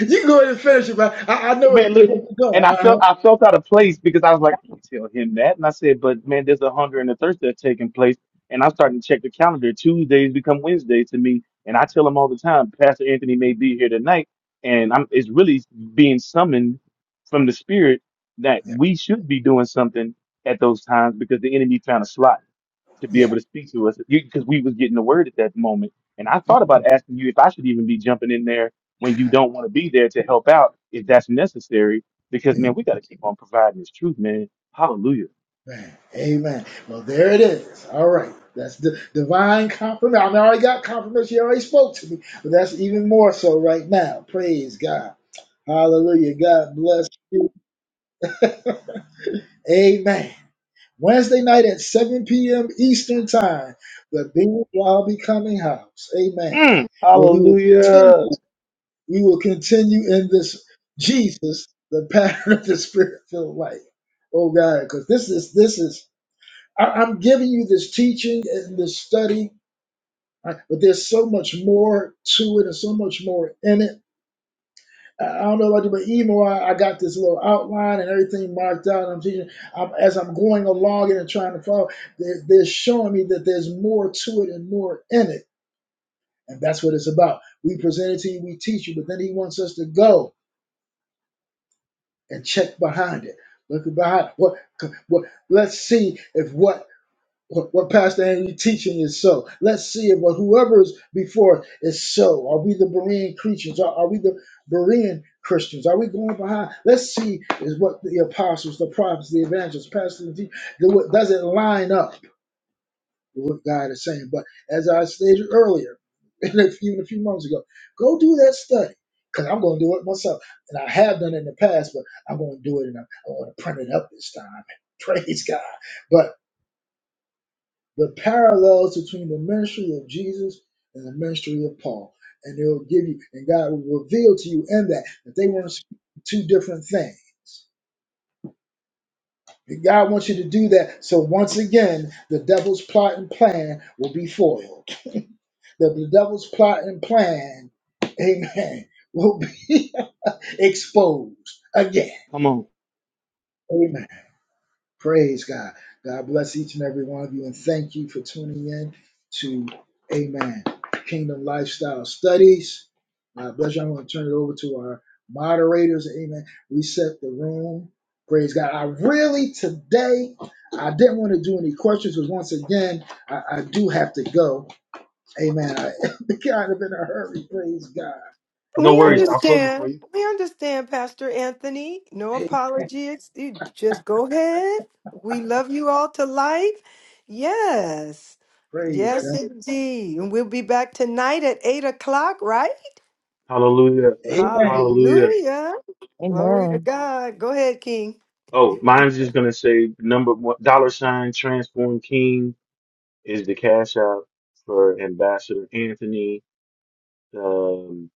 [SPEAKER 1] You can go ahead and finish it, but I, I know where
[SPEAKER 2] man,
[SPEAKER 1] you-
[SPEAKER 2] look,
[SPEAKER 1] where you're
[SPEAKER 2] and
[SPEAKER 1] going.
[SPEAKER 2] I felt
[SPEAKER 1] Uh-huh.
[SPEAKER 2] I felt out of place because I was like, I can't tell him that. And I said, but man, there's a hunger and a thirst that's taking place. And I'm starting to check the calendar. Tuesdays become Wednesdays to me. And I tell him all the time, Pastor Anthony may be here tonight. And I'm it's really being summoned from the spirit that
[SPEAKER 1] Yeah.
[SPEAKER 2] we should be doing something at those times because the enemy found a slot to be
[SPEAKER 1] yeah.
[SPEAKER 2] able to speak to us because we was getting the word at that moment. And I thought about asking you if I should even be jumping in there when you don't want to be there to help out if that's necessary. Because man, we got to keep on providing this truth, man. Hallelujah.
[SPEAKER 1] Amen. Amen. Well, there it is. All right. That's the divine confirmation. I, mean, I already got confirmation. You already spoke to me, but that's even more so right now. Praise God. Hallelujah. God bless you. Amen. Wednesday night at 7 p.m. Eastern Time, the Big Y'all Becoming House. Amen.
[SPEAKER 2] Mm,
[SPEAKER 1] Where we will
[SPEAKER 2] hallelujah.
[SPEAKER 1] continue, we will continue in this Jesus, the pattern of the spirit filled life. Oh God, because this is this is I, I'm giving you this teaching and this study, right, but there's so much more to it and so much more in it I don't know about you, but even while I, got this little outline and everything marked out, and I'm teaching, I'm, as I'm going along and trying to follow, they're, they're showing me that there's more to it and more in it. And that's what it's about. We present it to you, we teach you, but then he wants us to go and check behind it. Look behind it. what, what, let's see if what What, what Pastor Andy teaching is so. Let's see if what whoever is before us is so. Are we the Berean creatures? Are, are we the Berean Christians? Are we going behind? Let's see is what the apostles, the prophets, the evangelists, Pastor D, do does it line up with what God is saying? But as I stated earlier, [LAUGHS] and a few- even a few months ago, go do that study. Because I'm going to do it myself. And I have done it in the past, but I'm going to do it and I, I want to print it up this time. [LAUGHS] Praise God. But the parallels between the ministry of Jesus and the ministry of Paul. And it will give you, and God will reveal to you in that that they weren't two different things. And God wants you to do that. So once again, the devil's plot and plan will be foiled. The, the devil's plot and plan, [LAUGHS] amen, will be [LAUGHS] exposed again.
[SPEAKER 2] Come on.
[SPEAKER 1] Amen. Praise God. God bless each and every one of you and thank you for tuning in to Amen Kingdom Lifestyle Studies. God bless you. I'm going to turn it over to our moderators. Amen. Reset the room. Praise God. I really today I didn't want to do any questions because once again I, I do have to go. Amen. I [LAUGHS] kind of in a hurry. Praise God.
[SPEAKER 2] No
[SPEAKER 3] We
[SPEAKER 2] worries.
[SPEAKER 1] Oh,
[SPEAKER 2] I'll close it for
[SPEAKER 3] understand.
[SPEAKER 2] you.
[SPEAKER 3] We understand, Pastor Anthony. No
[SPEAKER 1] hey,
[SPEAKER 3] apologies. You Just go ahead. We love you all to life. Yes.
[SPEAKER 1] praise
[SPEAKER 3] Yes,
[SPEAKER 1] God.
[SPEAKER 3] indeed. And we'll be back tonight at eight o'clock, right?
[SPEAKER 2] Hallelujah.
[SPEAKER 1] Amen.
[SPEAKER 2] Hallelujah.
[SPEAKER 3] Hallelujah. Glory to
[SPEAKER 4] Amen.
[SPEAKER 3] God. Go ahead, King.
[SPEAKER 2] Oh, mine's just gonna say number one dollar sign transform king is the cash out for Ambassador Anthony. Um,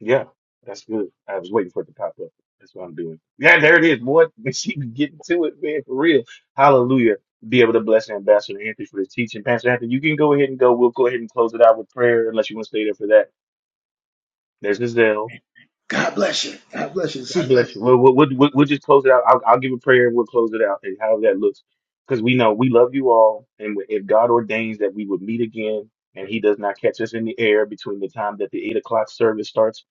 [SPEAKER 2] Yeah, that's good. I was waiting for it to pop up. That's what I'm doing. Yeah, there it is, boy. [LAUGHS] She can getting to it, man, for real. Hallelujah. Be able to bless Ambassador Anthony for his teaching. Pastor Anthony, you can go ahead and go. We'll go ahead and close it out with prayer unless you want to stay there for that. There's Giselle.
[SPEAKER 1] God bless you. God bless you. See.
[SPEAKER 2] God
[SPEAKER 1] you.
[SPEAKER 2] bless you. Well, we'll, we'll, we'll we'll just close it out. I'll, I'll give a prayer and we'll close it out and how that looks. Because we know we love you all. And if God ordains that we would meet again and he does not catch us in the air between the time that the eight o'clock service starts,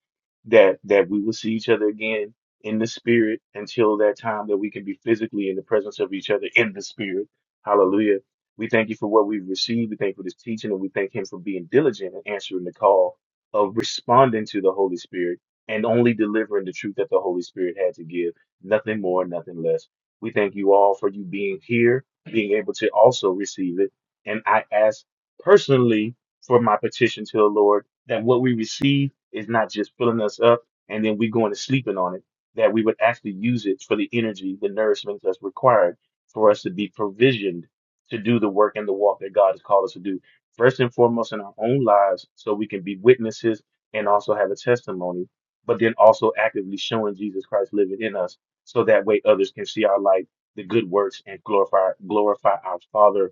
[SPEAKER 2] that, that we will see each other again in the spirit until that time that we can be physically in the presence of each other in the spirit. Hallelujah. We thank you for what we've received. We thank you for this teaching and we thank him for being diligent and answering the call of responding to the Holy Spirit and only delivering the truth that the Holy Spirit had to give, nothing more, nothing less. We thank you all for you being here, being able to also receive it. And I ask personally for my petition to the Lord that what we receive is not just filling us up and then we going to sleeping on it, that we would actually use it for the energy, the nourishment that's required for us to be provisioned to do the work and the walk that God has called us to do. First and foremost in our own lives, so we can be witnesses and also have a testimony but then also actively showing Jesus Christ living in us, so that way others can see our light, the good works, and glorify glorify our Father,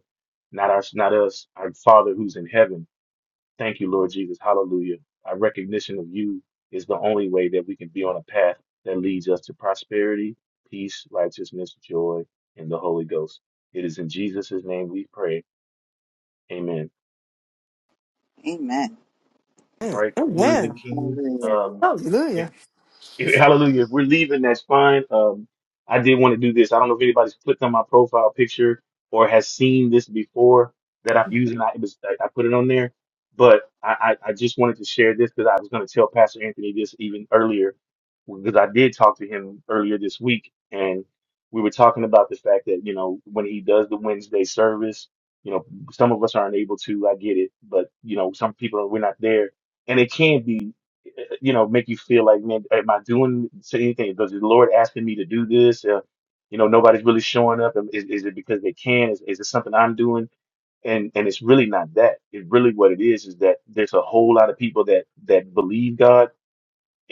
[SPEAKER 2] not our not us, our Father who's in heaven. Thank you, Lord Jesus. Hallelujah. Our recognition of you is the only way that we can be on a path that leads us to prosperity, peace, righteousness, joy, and the Holy Ghost. It is in Jesus' name we pray. Amen.
[SPEAKER 5] Amen.
[SPEAKER 2] All
[SPEAKER 3] Amen.
[SPEAKER 2] right, queens and
[SPEAKER 3] Amen.
[SPEAKER 2] kings.
[SPEAKER 5] Hallelujah.
[SPEAKER 2] Um,
[SPEAKER 3] Hallelujah.
[SPEAKER 2] [LAUGHS] Hallelujah. If we're leaving, that's fine. Um, I did want to do this. I don't know if anybody's clicked on my profile picture or has seen this before that I'm using. I, it was, I I put it on there, but I, I, I just wanted to share this because I was going to tell Pastor Anthony this even earlier because I did talk to him earlier this week and we were talking about the fact that, you know, when he does the Wednesday service, you know, some of us aren't able to, I get it, but you know, some people, we're not there and it can be you know, make you feel like, man, am I doing anything? Does the Lord asking me to do this? Uh, you know, nobody's really showing up. Am- Is, is it because they can? Is, is it something I'm doing? And and it's really not that. It's really what it is is that there's a whole lot of people that that believe God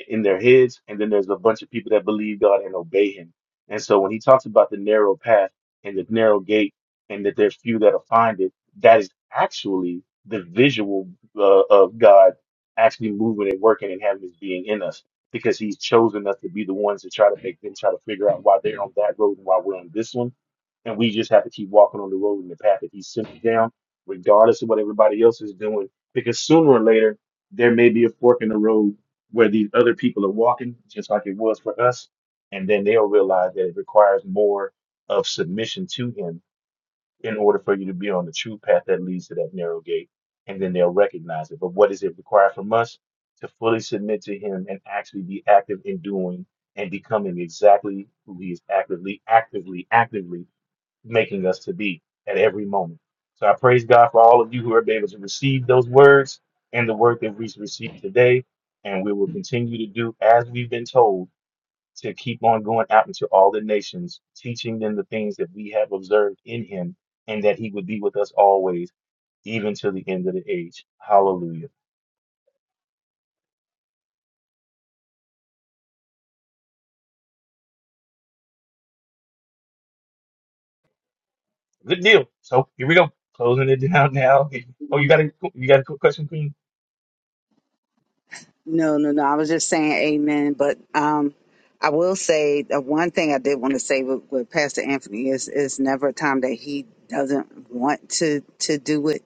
[SPEAKER 2] in their heads, and then there's a bunch of people that believe God and obey Him. And so when He talks about the narrow path and the narrow gate, and that there's few that'll find it, that is actually the visual uh, of God actually moving and working and having His being in us, because He's chosen us to be the ones to try to make them try to figure out why they're on that road and why we're on this one, and we just have to keep walking on the road and the path that He sent us down, regardless of what everybody else is doing, because sooner or later there may be a fork in the road where these other people are walking, just like it was for us. And then they'll realize that it requires more of submission to Him in order for you to be on the true path that leads to that narrow gate. And then they'll recognize it. But what does it require from us? To fully submit to Him and actually be active in doing and becoming exactly who He is actively, actively, actively making us to be at every moment. So I praise God for all of you who are able to receive those words and the word that we received today. And we will continue to do as we've been told to keep on going out into all the nations, teaching them the things that we have observed in him and that he would be with us always, even to the end of the age. Hallelujah. Good deal. So here we go. Closing it [LAUGHS] down now. Oh, you
[SPEAKER 5] Amen.
[SPEAKER 2] got a you got a quick question, Queen?
[SPEAKER 5] No, no, no. I was just saying amen. But um, I will say that one thing I did want to say with, with Pastor Anthony is is never a time that he doesn't want to to do it.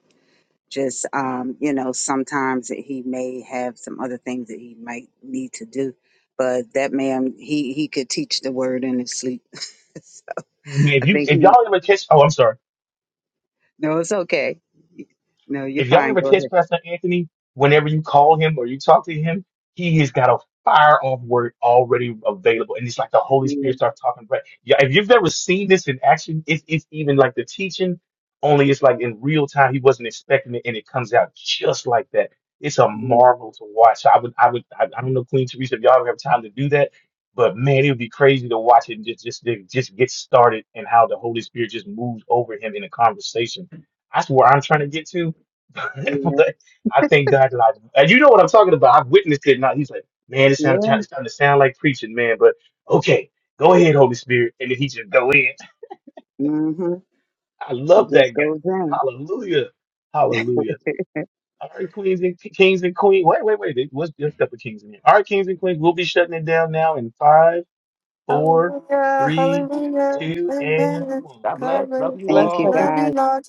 [SPEAKER 5] Just um, you know, sometimes that he may have some other things that he might need to do. But that man, he he could teach the word in his sleep.
[SPEAKER 2] I mean,
[SPEAKER 5] [LAUGHS] I
[SPEAKER 2] if you
[SPEAKER 5] think
[SPEAKER 2] if
[SPEAKER 5] he.
[SPEAKER 2] y'all ever catch oh I'm sorry.
[SPEAKER 5] No, it's okay. No, you're
[SPEAKER 2] If y'all
[SPEAKER 5] fine.
[SPEAKER 2] ever
[SPEAKER 5] Go
[SPEAKER 2] catch
[SPEAKER 5] ahead.
[SPEAKER 2] Pastor Anthony, whenever you call him or you talk to him, he has got a fire off word already available. And it's like the Holy
[SPEAKER 5] Yeah,
[SPEAKER 2] Spirit starts talking. But yeah, if you've ever seen this in action, it's, it's even like the teaching, only it's like in real time. He wasn't expecting it and it comes out just like that. It's a
[SPEAKER 5] yeah,
[SPEAKER 2] marvel to watch. So I would, I would, I, I don't know, Queen Teresa, if y'all ever have time to do that, but man, it would be crazy to watch it and just, just, just get started and how the Holy Spirit just moves over him in a conversation. That's where I'm trying to get to [LAUGHS]
[SPEAKER 5] yeah,
[SPEAKER 2] but I thank God that I do. and you know what I'm talking about. I've witnessed it now. He's like, man, it sounds
[SPEAKER 5] yeah.
[SPEAKER 2] it's starting to sound like preaching, man. But okay, go ahead, Holy Spirit, and then he just go in. [LAUGHS]
[SPEAKER 5] Mm-hmm.
[SPEAKER 2] I
[SPEAKER 5] It
[SPEAKER 2] love
[SPEAKER 5] just
[SPEAKER 2] that guy.
[SPEAKER 5] goes in.
[SPEAKER 2] Hallelujah,
[SPEAKER 5] [LAUGHS]
[SPEAKER 2] Hallelujah. All right, queens and kings and queens. Wait, wait, wait. What's there's a couple of kings in here? All right, kings and queens. We'll be shutting it down now in five, four,
[SPEAKER 3] Hallelujah.
[SPEAKER 2] three,
[SPEAKER 3] Hallelujah.
[SPEAKER 2] two, and
[SPEAKER 3] Amen.
[SPEAKER 2] one.
[SPEAKER 6] God
[SPEAKER 3] God
[SPEAKER 6] bless. Love
[SPEAKER 3] bless.
[SPEAKER 6] you
[SPEAKER 5] Thank
[SPEAKER 4] Bless
[SPEAKER 5] you,
[SPEAKER 6] all.
[SPEAKER 4] everyone.
[SPEAKER 3] Love
[SPEAKER 5] guys.
[SPEAKER 3] you, Lord.